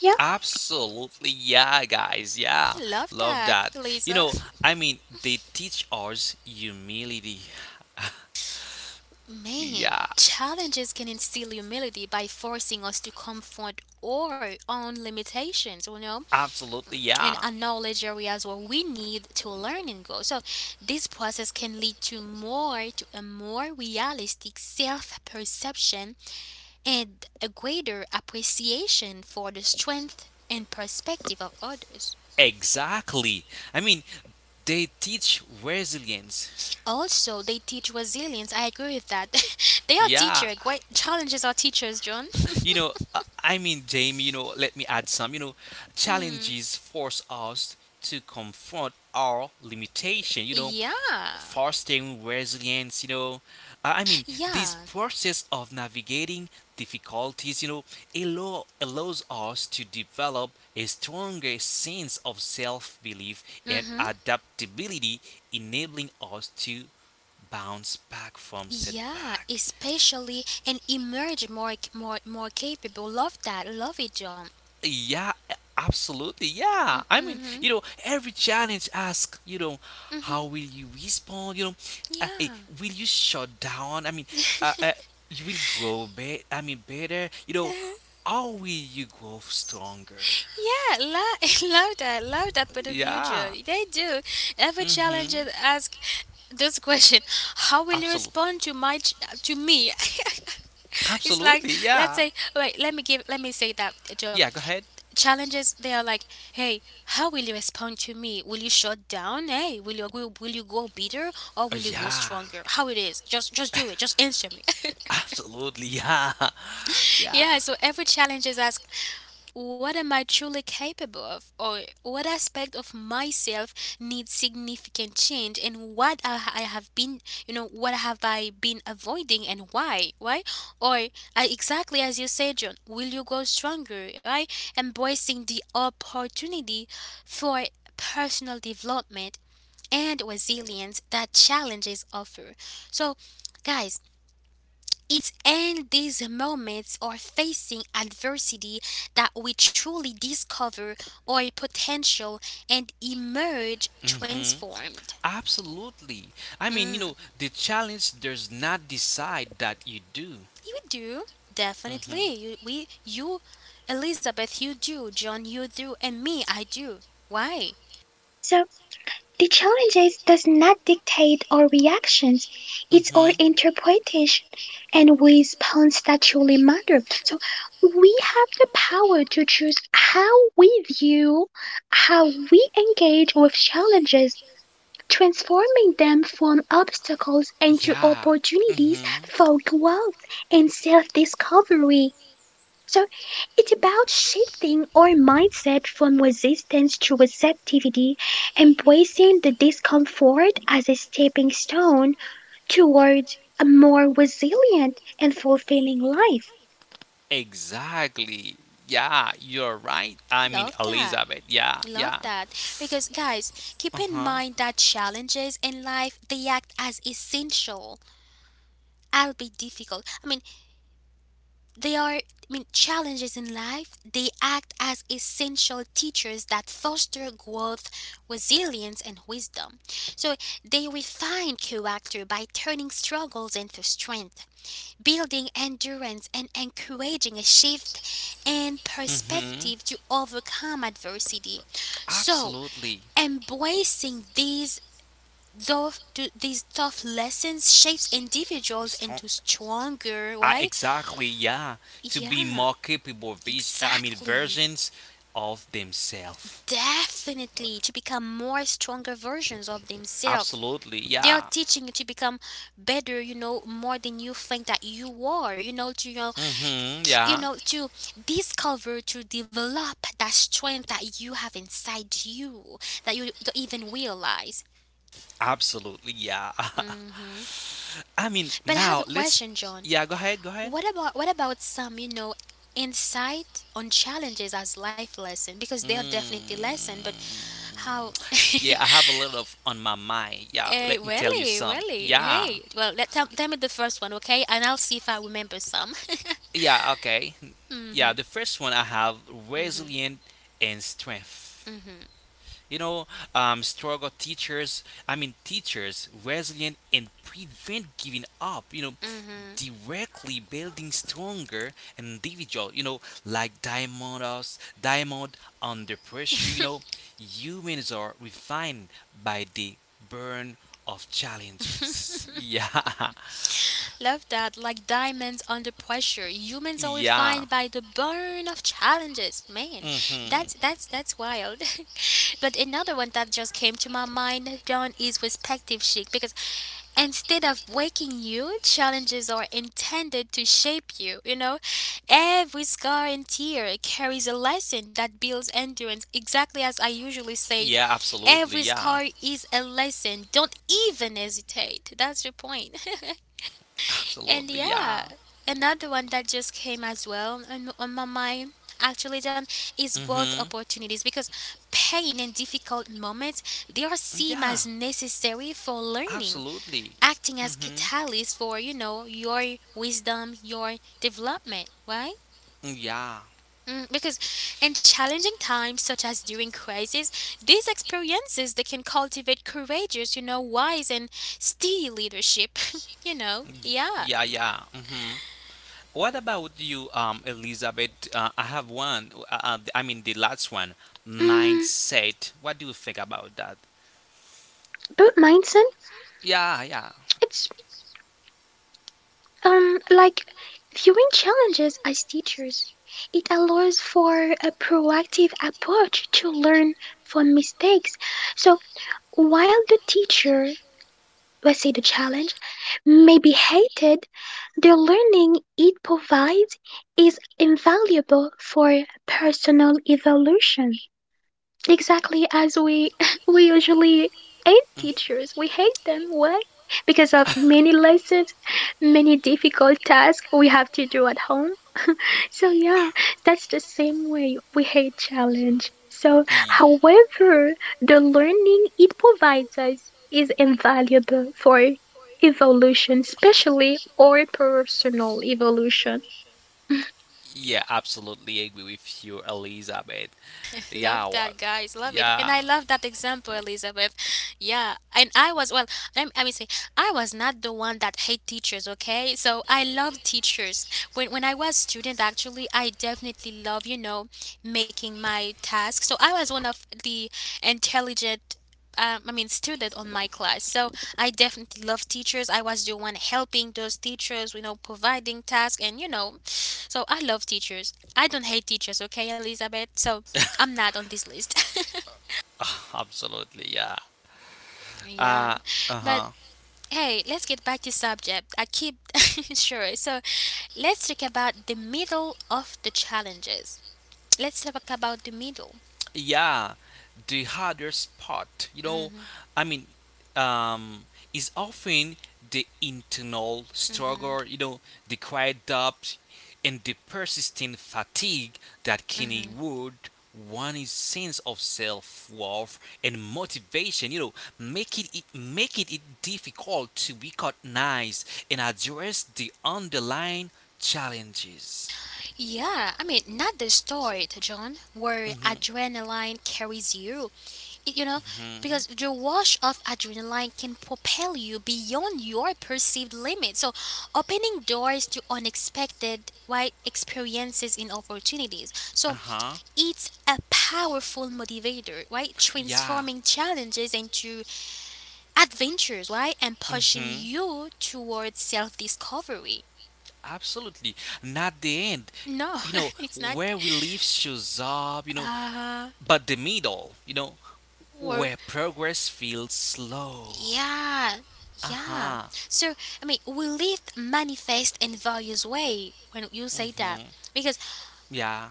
Speaker 3: Yeah.
Speaker 2: Absolutely, yeah, guys, yeah,
Speaker 1: Love
Speaker 2: love
Speaker 1: that,
Speaker 2: that. You
Speaker 1: Lisa.
Speaker 2: know, I mean, they teach us humility.
Speaker 1: Man,
Speaker 2: Yeah,
Speaker 1: challenges can instill humility by forcing us to confront our own limitations,
Speaker 2: absolutely,
Speaker 1: and
Speaker 2: yeah,
Speaker 1: acknowledge areas where we need to learn and grow. So this process can lead to a more realistic self-perception and a greater appreciation for the strength and perspective of others.
Speaker 2: exactly. I mean, they teach resilience.
Speaker 1: Also, they teach resilience. I agree with that. They are
Speaker 2: Yeah,
Speaker 1: teacher. Great challenges are teachers, John.
Speaker 2: I mean, Jamie, let me add some.
Speaker 1: Hmm.
Speaker 2: Challenges force us to confront our limitation.
Speaker 1: Yeah.
Speaker 2: Fostering resilience. I mean, this
Speaker 1: Yeah.
Speaker 2: process of navigating difficulties, allows us to develop a stronger sense of self belief and
Speaker 1: Mhm.
Speaker 2: adaptability, enabling us to bounce back from
Speaker 1: Yeah,
Speaker 2: setback.
Speaker 1: especially and emerge more capable. Love that. Love it, John.
Speaker 2: Yeah, absolutely. Yeah. I mean,
Speaker 1: Mhm.
Speaker 2: every challenge asks,
Speaker 1: Mhm.
Speaker 2: how will you respond? Uh, eh,
Speaker 1: Yeah.
Speaker 2: will you shut down? I mean, uh, uh, you will grow better. I mean, better. How will you grow stronger?
Speaker 1: Yeah, love that. Love that for the future.
Speaker 2: Yeah.
Speaker 1: They do. Every challenge
Speaker 2: Mm-hmm.
Speaker 1: is ask this question: how will you
Speaker 2: Absolutely.
Speaker 1: respond to to me? It's like
Speaker 2: Absolutely.
Speaker 1: let's
Speaker 2: Yeah.
Speaker 1: say wait. Let me give. Let me say that, John.
Speaker 2: Yeah. Go ahead.
Speaker 1: Challenges, they are like: hey, how will you respond to me? Will you shut down? Hey, will you go bitter or will you go
Speaker 2: Yeah.
Speaker 1: stronger? How it is? Just do it. Just answer me.
Speaker 2: Absolutely. Yeah. Yeah.
Speaker 1: Yeah, so every challenge is asked: what am I truly capable of? Or what aspect of myself needs significant change? And what I have been, you know, what have I been avoiding and why? Why? Or exactly as you said, John, will you grow stronger? Right? Embracing the opportunity for personal development and resilience that challenges offer. So, guys, it's in these moments or facing adversity that we truly discover our potential and emerge
Speaker 2: Hmm.
Speaker 1: transformed.
Speaker 2: Absolutely. I mean,
Speaker 1: Mm,
Speaker 2: the challenge does not decide that you do.
Speaker 1: you do.
Speaker 2: Hmm.
Speaker 1: Definitely. You, Elizabeth, you do. John, you do. And me, I do. Why?
Speaker 3: So the challenges does not dictate our reactions, it's our
Speaker 2: Hmm.
Speaker 3: interpretation and response that truly matter. So we have the power to choose how we view, how we engage with challenges, transforming them from obstacles into
Speaker 2: Yeah.
Speaker 3: opportunities
Speaker 2: Mhm.
Speaker 3: for growth and self discovery. So it's about shifting our mindset from resistance to receptivity, embracing the discomfort as a stepping stone towards a more resilient and fulfilling life.
Speaker 2: Exactly. Yeah, you're right. I mean,
Speaker 1: Love that.
Speaker 2: Elizabeth. Yeah,
Speaker 1: Love
Speaker 2: yeah.
Speaker 1: that. Because, guys, keep in
Speaker 2: Uh-huh.
Speaker 1: mind that challenges in life, they act as essential, albeit difficult. I mean, I mean, challenges in life. They act as essential teachers that foster growth, resilience, and wisdom. So they refine character by turning struggles into strength, building endurance, and encouraging a shift in
Speaker 2: Mm-hmm.
Speaker 1: perspective to overcome adversity. So
Speaker 2: Absolutely.
Speaker 1: embracing these though these tough lessons shapes individuals
Speaker 2: Strong.
Speaker 1: into stronger,
Speaker 2: I
Speaker 1: right?
Speaker 2: exactly, yeah. To be
Speaker 1: Yeah.
Speaker 2: more capable I mean
Speaker 1: Exactly.
Speaker 2: versions of themselves.
Speaker 1: Definitely to become more stronger versions of themselves.
Speaker 2: Absolutely,
Speaker 1: They are
Speaker 2: yeah.
Speaker 1: teaching you to become better, more than you think that you are, you know, to you know,
Speaker 2: Mm-hmm,
Speaker 1: k- you
Speaker 2: yeah.
Speaker 1: know, to discover, to develop that strength that you have inside you that you don't even realize.
Speaker 2: Absolutely, yeah.
Speaker 1: Mm.
Speaker 2: I mean,
Speaker 1: But I have a
Speaker 2: now let's.
Speaker 1: question, John.
Speaker 2: Yeah, go ahead, go ahead.
Speaker 1: What about some, insight on challenges as life lesson? Because they are definitely lesson,
Speaker 2: Mm.
Speaker 1: but how.
Speaker 2: Yeah, I have a lot of on my mind. Yeah,
Speaker 1: Hey,
Speaker 2: let me tell you
Speaker 1: Welly,
Speaker 2: some.
Speaker 1: Welly.
Speaker 2: Yeah,
Speaker 1: Hey, well, tell me the first one, okay? And I'll see if I remember some.
Speaker 2: yeah, okay. Yeah,
Speaker 1: Mm-hmm.
Speaker 2: the first one I have resilient and strength. You know, struggle teachers, I mean, teachers, resilient and prevent giving up,
Speaker 1: Mm-hmm.
Speaker 2: directly building stronger individual, like diamond us, diamond under pressure, humans are refined by the burn of challenges. Yeah.
Speaker 1: Love that. Like diamonds under pressure, humans are
Speaker 2: Yeah.
Speaker 1: refined by the burn of challenges. Man,
Speaker 2: Hmm.
Speaker 1: that's wild. But another one that just came to my mind, John, is perspective chic because instead of breaking you, challenges are intended to shape you. Every scar and tear carries a lesson that builds endurance. Exactly as I usually say,
Speaker 2: Yeah, absolutely.
Speaker 1: every
Speaker 2: Yeah.
Speaker 1: scar is a lesson. Don't even hesitate. That's your point. And
Speaker 2: Absolutely. Yeah.
Speaker 1: yeah, another one that just came as well on my mind, actually, John, is growth
Speaker 2: Mm-hmm.
Speaker 1: opportunities because pain and difficult moments they are seen
Speaker 2: Yeah,
Speaker 1: as necessary for learning,
Speaker 2: absolutely.
Speaker 1: acting as
Speaker 2: Mm-hmm.
Speaker 1: catalyst for your wisdom, your development, right?
Speaker 2: Yeah,
Speaker 1: Mm, because in challenging times such as during crisis, these experiences they can cultivate courageous, wise and steady leadership. Yeah.
Speaker 2: yeah, yeah. Mm-hmm. What about you, Elizabeth? I have one. I mean, the last one,
Speaker 3: Mm,
Speaker 2: mindset. What do you think about that?
Speaker 3: but mindset,
Speaker 2: Yeah, yeah.
Speaker 3: it's like viewing challenges as teachers. It allows for a proactive approach to learn from mistakes. So while the teacher, let's say the challenge, may be hated, the learning it provides is invaluable for personal evolution. Exactly as we we usually hate teachers. We hate them. Why? Because of many lessons, many difficult tasks we have to do at home, so yeah, that's the same way we hate challenge. So
Speaker 2: The
Speaker 3: however, the learning it provides us is invaluable for evolution, especially our personal evolution.
Speaker 2: yeah, absolutely agree with you, Elizabeth. Yeah,
Speaker 1: Love that, guys. Love it. And
Speaker 2: yeah,
Speaker 1: I love that example, Elizabeth. Yeah. And well, let me say, I was not the one that hate teachers, okay? So I love teachers. When I was student, actually, I definitely love, making my tasks. So I was one of the intelligent I mean, student on my class. So I definitely love teachers. I was the one helping those teachers, providing tasks, and so I love teachers. I don't hate teachers, okay, Elizabeth? So I'm not on this list.
Speaker 2: absolutely, yeah.
Speaker 1: Yeah,
Speaker 2: Uh, uh
Speaker 1: but
Speaker 2: huh.
Speaker 1: hey, let's get back to subject. I keep Sure. So let's talk about the middle of the challenges. Let's talk about the middle.
Speaker 2: Yeah, the harder spot,
Speaker 1: Mhm.
Speaker 2: I mean, um is often the internal struggle, the quiet doubt and the persistent fatigue that can
Speaker 1: Mhm.
Speaker 2: erode one's sense of self-worth and motivation, making it difficult to recognize and address the underlying challenges.
Speaker 1: Yeah, I mean, not the start, John, where adrenaline carries you. It, you know,
Speaker 2: Hmm.
Speaker 1: because the wash of adrenaline can propel you beyond your perceived limits. So, opening doors to unexpected, right, experiences and opportunities.
Speaker 2: Uh
Speaker 1: So,
Speaker 2: huh.
Speaker 1: it's a powerful motivator, right?
Speaker 2: Yeah.
Speaker 1: Transforming challenges into adventures, right? And pushing
Speaker 2: Mm-hmm.
Speaker 1: you towards self discovery.
Speaker 2: Absolutely. Not the end.
Speaker 1: No, it's not.
Speaker 2: Where we live shows up,
Speaker 1: Uh,
Speaker 2: but the middle,
Speaker 1: or.
Speaker 2: where progress feels slow.
Speaker 1: Yeah,
Speaker 2: Uh
Speaker 1: yeah.
Speaker 2: huh.
Speaker 1: So I mean, we live manifest in various way when you say that
Speaker 2: Mm-hmm.
Speaker 1: because
Speaker 2: Yeah,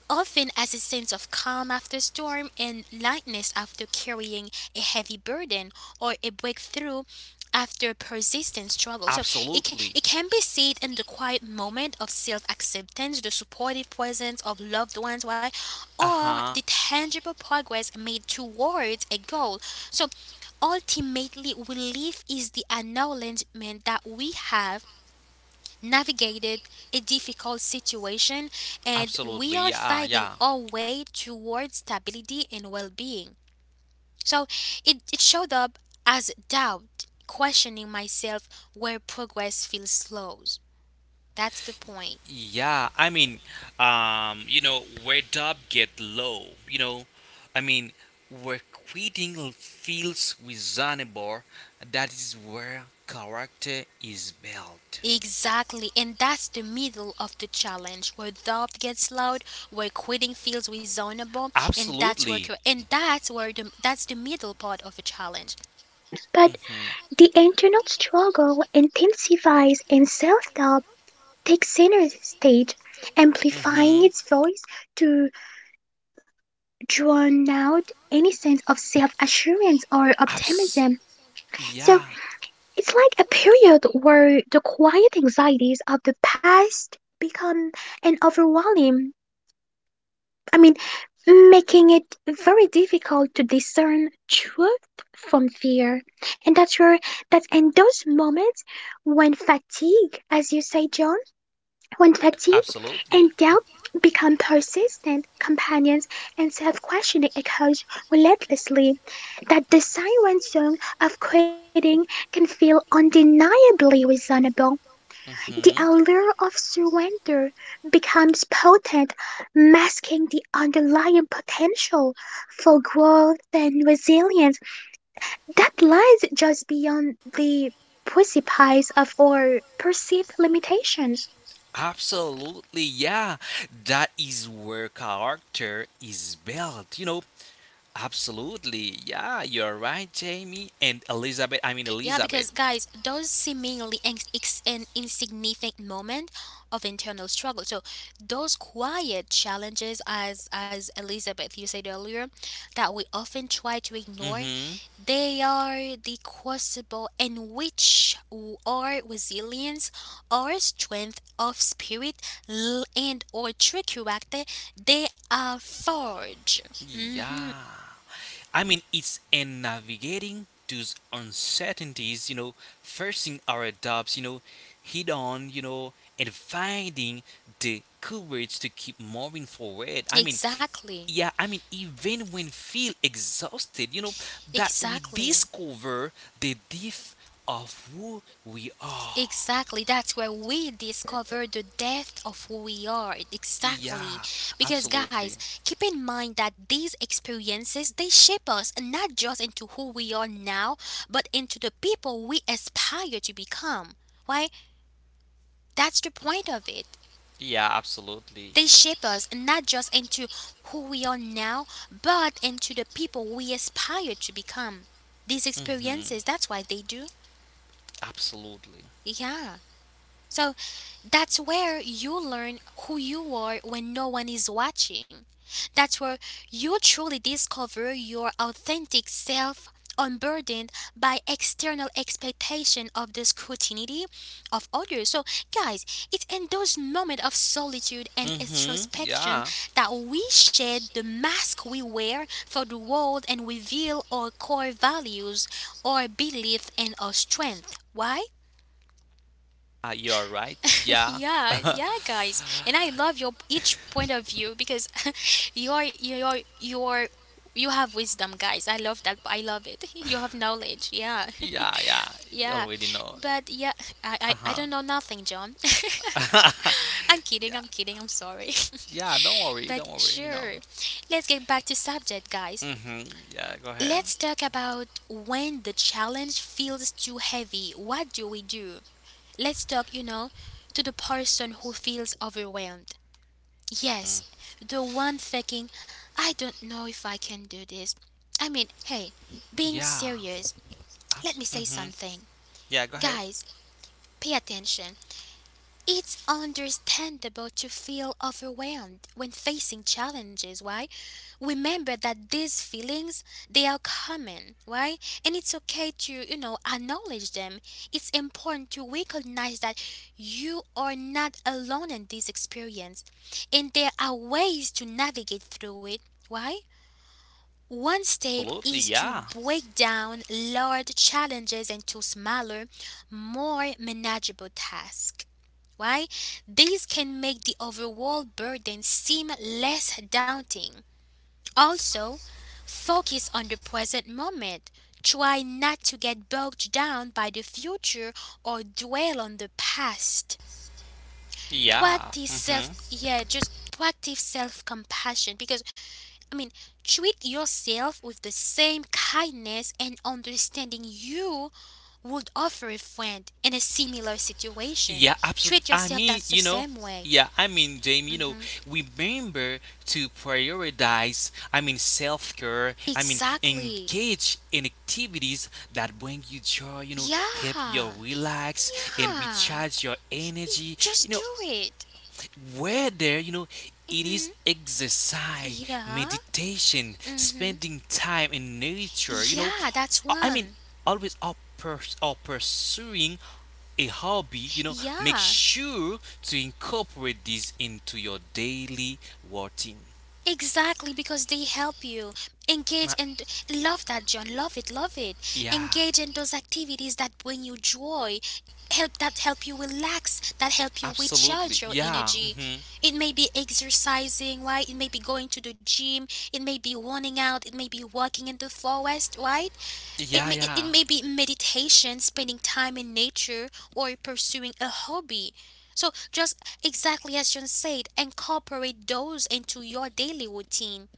Speaker 1: often as a sense of calm after storm and lightness after carrying a heavy burden or a breakthrough after persistent struggle. So it can
Speaker 2: absolutely.
Speaker 1: it can be seen in the quiet moment of self-acceptance, the supportive presence of loved ones, right?
Speaker 2: Uh
Speaker 1: Or the
Speaker 2: huh.
Speaker 1: tangible progress made towards a goal. So ultimately relief is the acknowledgement that we have navigated a difficult situation and
Speaker 2: Absolutely,
Speaker 1: we are
Speaker 2: yeah,
Speaker 1: fighting
Speaker 2: yeah,
Speaker 1: our way towards stability and well being. So it showed up as doubt, questioning myself where progress feels slow. That's the point.
Speaker 2: yeah. I mean, where dub get low, I mean, where quitting feels reasonable, that is where character is built.
Speaker 1: Exactly, and that's the middle of the challenge where doubt gets loud, where quitting feels reasonable, and that's where cur-
Speaker 2: Absolutely.
Speaker 1: and that's where the, that's the middle part of a challenge.
Speaker 3: But
Speaker 2: Mhm.
Speaker 3: the internal struggle intensifies and self doubt takes center stage,
Speaker 2: Mhm.
Speaker 3: amplifying its voice to drown out any sense of self assurance or
Speaker 2: Abs.
Speaker 3: optimism. So
Speaker 2: Yeah.
Speaker 3: it's like a period where the quiet anxieties of the past become an overwhelming, I mean, making it very difficult to discern truth from fear. And that's in those moments when fatigue, as you say, John, when fatigue and
Speaker 2: Absolutely.
Speaker 3: doubt become persistent companions and self questioning occurs relentlessly. That the siren shown of quitting can feel undeniably reasonable. The
Speaker 2: Hmm.
Speaker 3: allure of surrender becomes potent, masking the underlying potential for growth and resilience that lies just beyond the precipice of our perceived limitations.
Speaker 2: Absolutely, yeah. That is where character is built, absolutely, yeah. You're right, Jamie and Elizabeth. I mean,
Speaker 1: Yeah,
Speaker 2: Elizabeth.
Speaker 1: because guys, those seemingly an insignificant moment of internal struggle. So those quiet challenges, as Elizabeth you said earlier, that we often try to ignore,
Speaker 2: Hmm.
Speaker 1: they are the crucible in which our resilience, our strength of spirit, and our true character, they are forged. Hmm.
Speaker 2: Yeah. I mean, it's in navigating those uncertainties, facing our doubts, head on, and finding the courage to keep moving forward. I mean,
Speaker 1: Exactly.
Speaker 2: yeah, I mean, even when feel exhausted, that we
Speaker 1: Exactly.
Speaker 2: discover the depth of who we are.
Speaker 1: Exactly. That's where we discover the depth of who we are. Exactly.
Speaker 2: Yeah,
Speaker 1: Because guys,
Speaker 2: absolutely.
Speaker 1: keep in mind that these experiences they shape us and not just into who we are now, but into the people we aspire to become. Why? That's the point of it.
Speaker 2: Yeah, absolutely.
Speaker 1: They shape us and not just into who we are now, but into the people we aspire to become. These
Speaker 2: Mm-hmm,
Speaker 1: experiences, that's why they do.
Speaker 2: absolutely.
Speaker 1: Yeah. So that's where you learn who you are when no one is watching. That's where you truly discover your authentic self unburdened by external expectation of the scrutiny of others. So guys, it's in those moments of solitude and
Speaker 2: Mm-hmm,
Speaker 1: introspection
Speaker 2: yeah.
Speaker 1: that we shed the mask we wear for the world and reveal our core values, our belief and our strength. Why?
Speaker 2: Ah, you're right. Yeah.
Speaker 1: Yeah, yeah, guys, and I love your each point of view because you're you're you're you have wisdom, guys. I love that. I love it. You have knowledge. Yeah,
Speaker 2: Yeah, yeah, you
Speaker 1: yeah,
Speaker 2: already know.
Speaker 1: but yeah, I
Speaker 2: Uh
Speaker 1: don't know nothing, John.
Speaker 2: huh.
Speaker 1: I'm kidding.
Speaker 2: Yeah,
Speaker 1: I'm kidding. I'm sorry.
Speaker 2: yeah. Don't worry,
Speaker 1: But
Speaker 2: don't worry. You know.
Speaker 1: sure, let's get back to subject, guys.
Speaker 2: Mhm. Yeah, go ahead.
Speaker 1: Let's talk about when the challenge feels too heavy. What do we do? Let's talk. To the person who feels overwhelmed. Yes, the one thinking, I don't know if I can do this. I mean, hey, being
Speaker 2: Yeah.
Speaker 1: serious,
Speaker 2: Abs-
Speaker 1: let me say
Speaker 2: mhm.
Speaker 1: something.
Speaker 2: Yeah, go ahead.
Speaker 1: Guys, pay attention. It's understandable to feel overwhelmed when facing challenges, why? Remember that these feelings, they are common, why? And it's okay to, acknowledge them. It's important to recognize that you are not alone in this experience and there are ways to navigate through it, why? One
Speaker 2: Absolutely.
Speaker 1: step is
Speaker 2: Yeah.
Speaker 1: to break down large challenges into smaller, more manageable tasks. Why? These can make the overall burden seem less daunting. Also, focus on the present moment. Try not to get bogged down by the future or dwell on the past.
Speaker 2: Yeah.
Speaker 1: Practice
Speaker 2: Mhm.
Speaker 1: self yeah, just practice self-compassion because I mean, treat yourself with the same kindness and understanding you would offer a friend in a similar situation.
Speaker 2: Yeah, absolutely.
Speaker 1: Treat
Speaker 2: I
Speaker 1: yourself
Speaker 2: mean,
Speaker 1: that's the
Speaker 2: you know.
Speaker 1: same way.
Speaker 2: Yeah, I mean, Jamie,
Speaker 1: Hmm.
Speaker 2: remember to prioritize, I mean, self care, I mean,
Speaker 1: Exactly.
Speaker 2: engage in activities that bring you joy, help you
Speaker 1: Yeah.
Speaker 2: relax and
Speaker 1: Yeah.
Speaker 2: recharge your energy, you
Speaker 1: Just do
Speaker 2: know,
Speaker 1: it.
Speaker 2: whether you know it
Speaker 1: Hmm.
Speaker 2: is exercise,
Speaker 1: Yeah.
Speaker 2: meditation,
Speaker 1: Hmm.
Speaker 2: spending time in nature,
Speaker 1: Yeah, that's
Speaker 2: I mean,
Speaker 1: one.
Speaker 2: always are, are pursuing a hobby, make
Speaker 1: Yeah.
Speaker 2: sure to incorporate this into your daily routine.
Speaker 1: Exactly, because they help you
Speaker 2: Uh.
Speaker 1: engage. And love that, John. Love it, love it.
Speaker 2: Yeah,
Speaker 1: Engage in those activities that bring you joy, help that help you relax, that help you
Speaker 2: absolutely.
Speaker 1: recharge your
Speaker 2: Yeah,
Speaker 1: energy.
Speaker 2: mhm.
Speaker 1: It may be exercising, right? It may be going to the gym, it may be running out, it may be walking in the forest, right? It
Speaker 2: Yeah,
Speaker 1: may, it, it
Speaker 2: yeah,
Speaker 1: may be meditation, spending time in nature, or pursuing a hobby. So, just exactly as John said, incorporate those into your daily routine.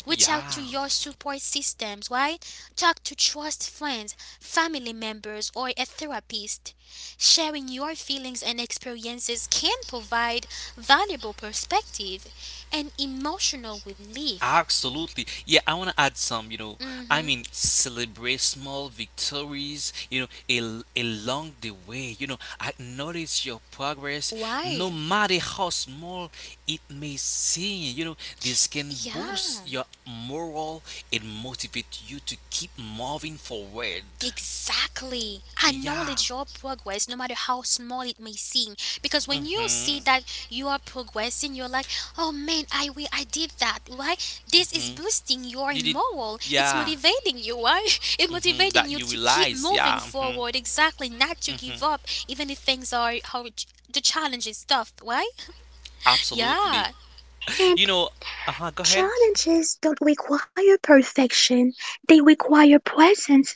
Speaker 1: Reach out to
Speaker 2: yeah.
Speaker 1: your support systems, right? Talk to trust friends, family members, or a therapist. Sharing your feelings and experiences can provide valuable perspective and emotional relief.
Speaker 2: Absolutely. Yeah, I want to add some, I
Speaker 1: Hmm.
Speaker 2: mean, celebrate small victories, along the way, acknowledge your progress, no
Speaker 1: Why?
Speaker 2: matter how small it may seem, this can
Speaker 1: Yeah.
Speaker 2: boost your morale and motivate you to keep moving forward.
Speaker 1: Exactly.
Speaker 2: Yeah.
Speaker 1: Acknowledge your progress, no matter how small it may seem. Because when you see
Speaker 2: Mm-hmm.
Speaker 1: that you are progressing, you're like, oh man, I will, I did that, right? This is
Speaker 2: Hmm.
Speaker 1: boosting your
Speaker 2: You did,
Speaker 1: moral. It's
Speaker 2: yeah.
Speaker 1: motivating you, right? It's
Speaker 2: Hmm.
Speaker 1: motivating
Speaker 2: That
Speaker 1: you
Speaker 2: you
Speaker 1: to keep
Speaker 2: realize,
Speaker 1: moving
Speaker 2: yeah. Hmm.
Speaker 1: forward, exactly, not to give up, even if things are how the challenge is tough, right?
Speaker 2: Absolutely.
Speaker 1: Yeah.
Speaker 3: And
Speaker 2: You know, uh huh, go ahead.
Speaker 3: challenges don't require perfection, they require presence.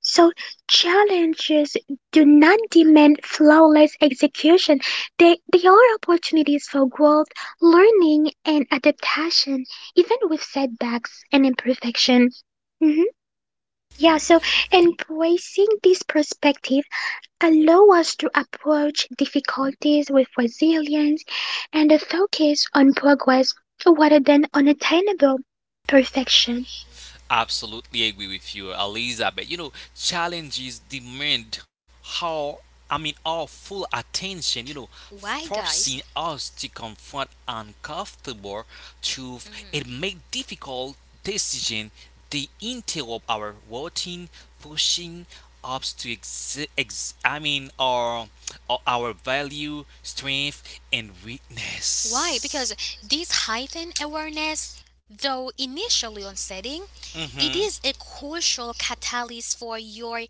Speaker 3: So challenges do not demand flawless execution. They are opportunities for growth, learning and adaptation, even with setbacks and imperfection. Mhm. Yeah, so embracing this perspective allow us to approach difficulties with resilience and a focus on progress rather than unattainable perfection.
Speaker 2: Absolutely agree with you, Elizabeth. Challenges demand how I mean our full attention,
Speaker 1: Why,
Speaker 2: forcing
Speaker 1: guys?
Speaker 2: us to confront uncomfortable truth and
Speaker 1: Mm.
Speaker 2: make difficult decision. They interrupt our routine, pushing us to I mean our value, strength and
Speaker 1: Why? Because
Speaker 2: weakness.
Speaker 1: this heightened awareness, though initially unsettling, it
Speaker 2: Mhm.
Speaker 1: is a crucial catalyst for your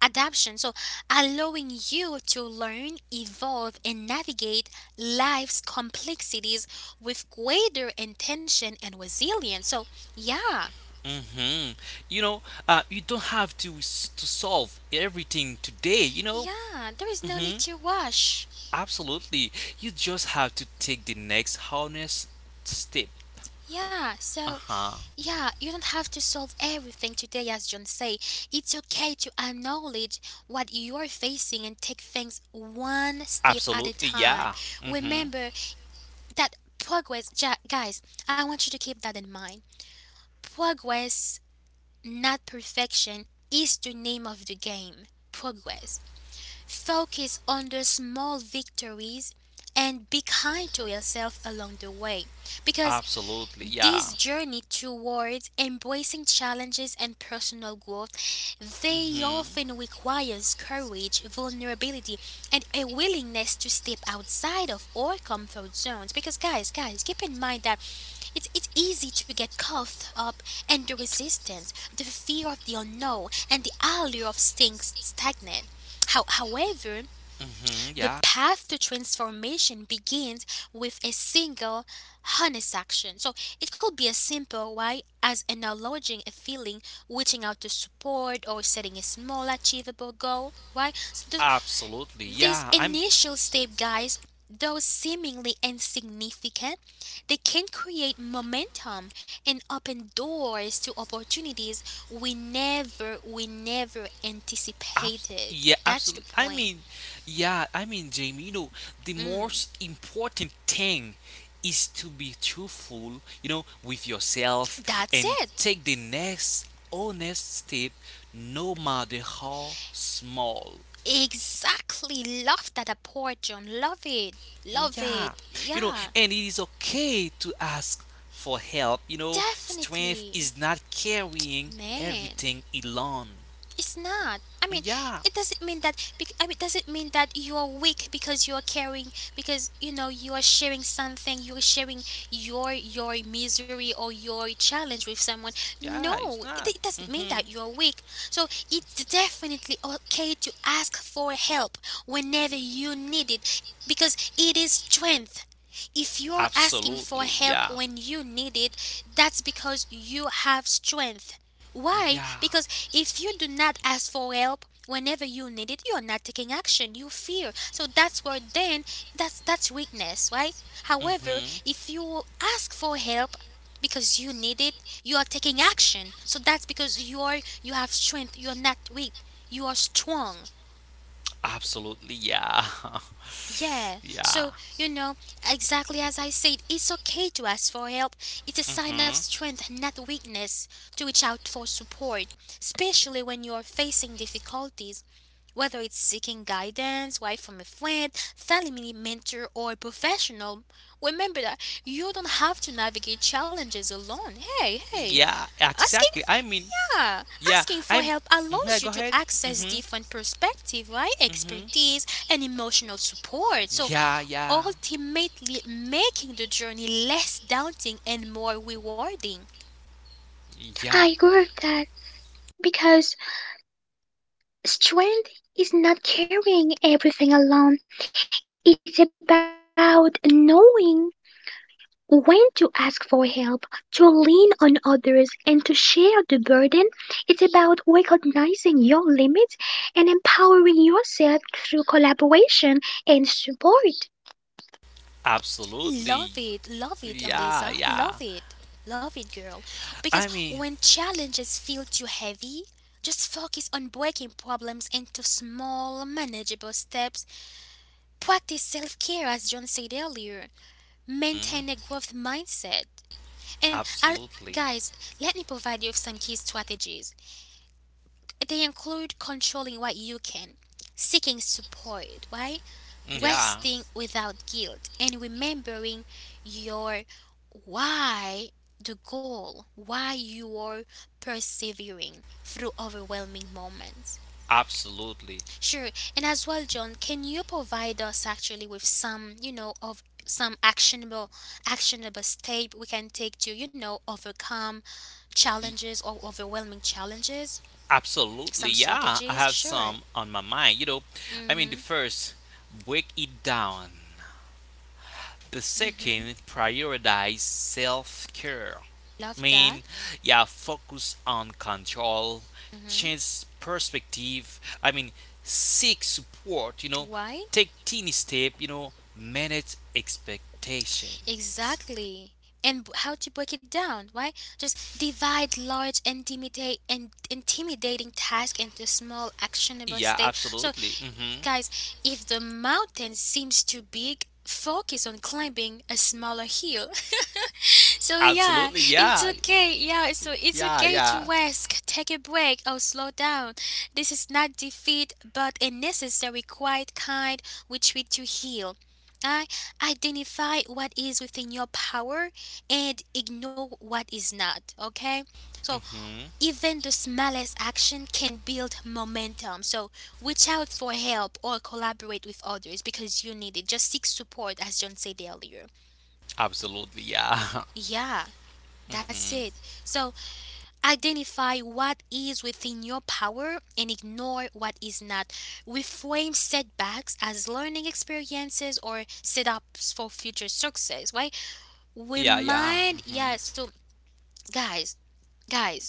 Speaker 1: adaptation. So, allowing you to learn, evolve, and navigate life's complexities with greater intention and resilience. So, yeah,
Speaker 2: Hmm. You know, you don't have to to solve everything today. You know,
Speaker 1: yeah, there is no need to rush.
Speaker 2: absolutely. You just have to take the next honest step.
Speaker 1: Yeah,
Speaker 2: Uh
Speaker 1: so
Speaker 2: huh.
Speaker 1: Yeah, you don't have to solve everything today, as John say. It's okay to acknowledge what you are facing and take things one step at a
Speaker 2: Absolutely.
Speaker 1: time.
Speaker 2: Yeah. Mm-hmm.
Speaker 1: Remember that progress, guys. I want you to keep that in mind. Progress, not perfection, is the name of the game. Progress. Focus on the small victories and be kind to yourself along the way, because
Speaker 2: Absolutely.
Speaker 1: this
Speaker 2: Yeah.
Speaker 1: journey towards embracing challenges and personal growth, they
Speaker 2: Mm-hmm.
Speaker 1: often requires courage, vulnerability and a willingness to step outside of our comfort zones. Because, guys, keep in mind that it's easy to get caught up in the resistance, the fear of the unknown and the allure of staying stagnant. However,
Speaker 2: Mm-hmm.
Speaker 1: the
Speaker 2: Yeah.
Speaker 1: path to transformation begins with a single, honest action. So it could be as simple, why as acknowledging a feeling, reaching out to support, or setting a small, achievable goal.
Speaker 2: Absolutely.
Speaker 1: These
Speaker 2: Yeah. I'm
Speaker 1: initial step, guys, though seemingly insignificant, they can create momentum and open doors to opportunities we never anticipated.
Speaker 2: Yeah,
Speaker 1: That's the
Speaker 2: absolutely. I
Speaker 1: point.
Speaker 2: mean, yeah, I mean, Jamie, the
Speaker 1: Mm.
Speaker 2: most important thing is to be truthful, with yourself
Speaker 1: That's
Speaker 2: and
Speaker 1: it.
Speaker 2: take the next honest step, no matter how small.
Speaker 1: Exactly. Love that approach, John. Love it.
Speaker 2: Mm.
Speaker 1: Love
Speaker 2: Yeah,
Speaker 1: it. Yeah.
Speaker 2: and it is okay to ask for help, strength
Speaker 1: Definitely.
Speaker 2: is not carrying
Speaker 1: Man.
Speaker 2: everything alone.
Speaker 1: It's not.
Speaker 2: Mm. Yeah,
Speaker 1: It doesn't mean that. It doesn't mean that you are weak because you are caring, because you know you are sharing something. You are sharing your misery or your challenge with someone.
Speaker 2: yeah, it's
Speaker 1: No,
Speaker 2: not.
Speaker 1: it doesn't mean
Speaker 2: Hmm.
Speaker 1: that you are weak. So it's definitely okay to ask for help whenever you need it, because it is strength. If you're asking for
Speaker 2: Absolutely,
Speaker 1: help
Speaker 2: yeah.
Speaker 1: when you need it, that's because you have strength. Why?
Speaker 2: Yeah.
Speaker 1: Because if you do not ask for help whenever you need it, you're not taking action. You fear. So that's where then that's weakness, right? However,
Speaker 2: Mm-hmm.
Speaker 1: if you ask for help because you need it, you are taking action. So that's because you have strength. You're not weak. You are strong.
Speaker 2: Absolutely. Yeah.
Speaker 1: Yeah.
Speaker 2: Yeah.
Speaker 1: So, you know, exactly as I said, it's okay to ask for help. It's a sign of
Speaker 2: Mm-hmm.
Speaker 1: strength, not weakness, to reach out for support, especially when you are facing difficulties. Whether it's seeking guidance, why from a friend, family mentor, or professional, remember that you don't have to navigate challenges alone. Hey, hey,
Speaker 2: Yeah.
Speaker 1: asking,
Speaker 2: Exactly. I mean,
Speaker 1: yeah,
Speaker 2: yeah.
Speaker 1: asking for
Speaker 2: I'm.
Speaker 1: help
Speaker 2: Mhm. Yeah.
Speaker 1: allows you
Speaker 2: Go
Speaker 1: to
Speaker 2: ahead.
Speaker 1: access
Speaker 2: Mm-hmm.
Speaker 1: different perspective, right?
Speaker 2: Mm-hmm.
Speaker 1: Expertise and emotional support. So,
Speaker 2: Yeah. Yeah.
Speaker 1: ultimately, making the journey less daunting and more rewarding.
Speaker 2: Yeah.
Speaker 3: I agree with that because strength is not carrying everything alone, it's about knowing when to ask for help, to lean on others, and to share the burden. It's about recognizing your limits and empowering yourself through collaboration and support.
Speaker 2: Absolutely.
Speaker 1: Love it,
Speaker 2: Yeah.
Speaker 1: Eliza.
Speaker 2: Yeah.
Speaker 1: Love it. Love it, girl. Because
Speaker 2: I mean.
Speaker 1: when challenges feel too heavy, just focus on breaking problems into small, manageable steps. Practice self care, as John said earlier.
Speaker 2: Mhm.
Speaker 1: Maintain a growth mindset. And I,
Speaker 2: Absolutely.
Speaker 1: Guys, let me provide you with some key strategies. They include controlling what you can, seeking support, right?
Speaker 2: Mm-hmm. Yeah.
Speaker 1: Resting without guilt, and remembering your why, the goal why you are persevering through overwhelming moments.
Speaker 2: Absolutely.
Speaker 1: Sure. And as well, John, can you provide us actually with some, you know, of some actionable, step we can take to, you know, overcome
Speaker 2: Y-
Speaker 1: challenges or overwhelming challenges?
Speaker 2: Absolutely.
Speaker 1: Some
Speaker 2: Yeah. I
Speaker 1: strategies,
Speaker 2: have
Speaker 1: sure.
Speaker 2: some on my mind. You know. I mean, the
Speaker 1: Mm-hmm.
Speaker 2: first break it down. The
Speaker 1: Mm-hmm.
Speaker 2: second, prioritize self care.
Speaker 1: Love that.
Speaker 2: Mean, yeah, focus on control,
Speaker 1: Mm-hmm.
Speaker 2: change perspective. I mean, seek support,
Speaker 1: Why?
Speaker 2: take teeny step, manage expectations.
Speaker 1: Exactly. How to break it down, right? Just divide large, intimidate, and intimidating tasks into small, actionable
Speaker 2: Yeah,
Speaker 1: steps. So,
Speaker 2: absolutely. Hmm.
Speaker 1: guys, if the mountain seems too big, focus on climbing a smaller hill. So yeah,
Speaker 2: Absolutely,
Speaker 1: it's
Speaker 2: yeah.
Speaker 1: okay. Yeah, so it's
Speaker 2: Yeah,
Speaker 1: okay to
Speaker 2: yeah.
Speaker 1: rest, take a break, or slow down. This is not defeat, but a necessary quiet kind which we to heal. I Identify what is within your power and ignore what is not. Okay, so
Speaker 2: Hmm.
Speaker 1: even the smallest action can build momentum. So reach out for help or collaborate with others because you need it. Just seek support, as John said earlier.
Speaker 2: Absolutely, yeah.
Speaker 1: Yeah, that's it.
Speaker 2: Hmm.
Speaker 1: So identify what is within your power and ignore what is not. Reframe setbacks as learning experiences or setups for future success, right?
Speaker 2: Yeah, yeah.
Speaker 1: Remind,
Speaker 2: Hmm.
Speaker 1: yeah, so Guys, guys,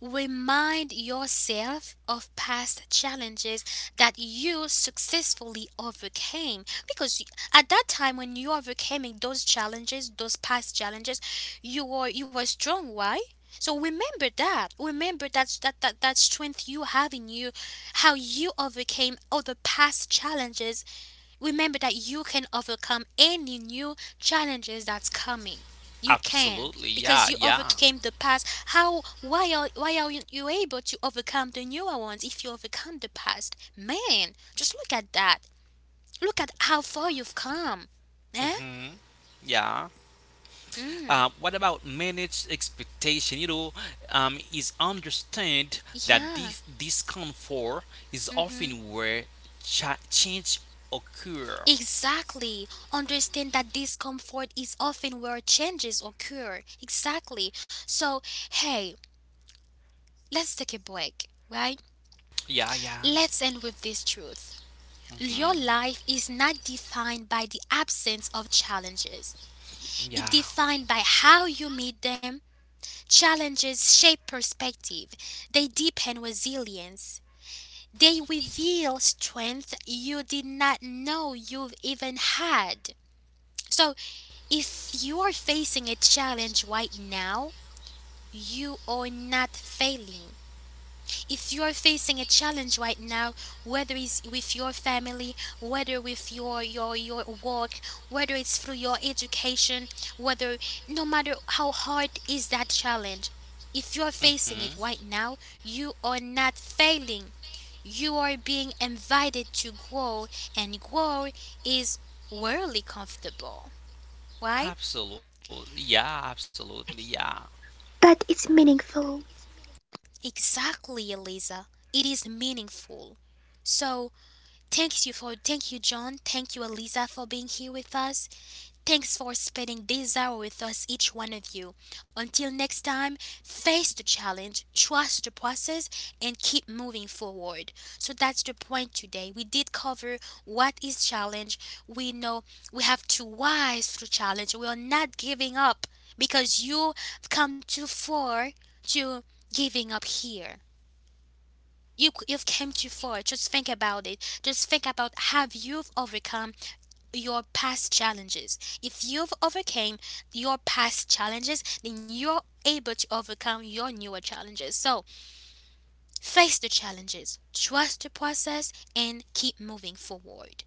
Speaker 1: remind yourself of past challenges that you successfully overcame, because at that time when you overcoming those challenges, those past challenges, you were strong, right? So remember that. Remember that strength you have in you, how you overcame all the past challenges. Remember that you can overcome any new challenges that's coming. You can,
Speaker 2: Absolutely, yeah,
Speaker 1: because you
Speaker 2: yeah.
Speaker 1: overcame the past. How why are Why are you able to overcome the newer ones if you overcome the past? Man, just look at that. Look at how far you've come. Eh?
Speaker 2: Hmm. Yeah.
Speaker 1: Mm.
Speaker 2: What about managed expectation? Is understand that
Speaker 1: Yeah.
Speaker 2: this discomfort is
Speaker 1: Mm-hmm.
Speaker 2: often where change occur.
Speaker 1: Exactly. Understand that discomfort is often where changes occur. Exactly. So, hey, let's take a break, right?
Speaker 2: Yeah, yeah,
Speaker 1: Let's end with this truth. Your
Speaker 2: hmm,
Speaker 1: life is not defined by the absence of challenges.
Speaker 2: yeah.
Speaker 1: It's defined by how you meet them. Challenges shape perspective. They deepen resilience. They reveal strength you did not know you've even had. So, if you are facing a challenge right now, you are not failing. If you are facing a challenge right now, whether it's with your family, whether with your work, whether it's through your education, whether, no matter how hard is that challenge, if you're facing it right
Speaker 2: Mm-hmm.
Speaker 1: now, you are not failing. You are being invited to grow, and grow is worldly comfortable. Why?
Speaker 2: Absolutely. Yeah, absolutely. Yeah.
Speaker 3: But it's meaningful.
Speaker 1: Exactly, Eliza. It is meaningful. So, thank you John, thank you Eliza for being here with us. Thanks for spending this hour with us, each one of you. Until next time, face the challenge, trust the process and keep moving forward. So that's the point today. We did cover what is challenge. We know we have to rise through challenge. We are not giving up, because you've come too far to giving up here. You've came too far. Just think about it. Just think about, have you've overcome your past challenges. If you've overcame your past challenges, then you're able to overcome your newer challenges. So face the challenges, trust the process, and keep moving forward.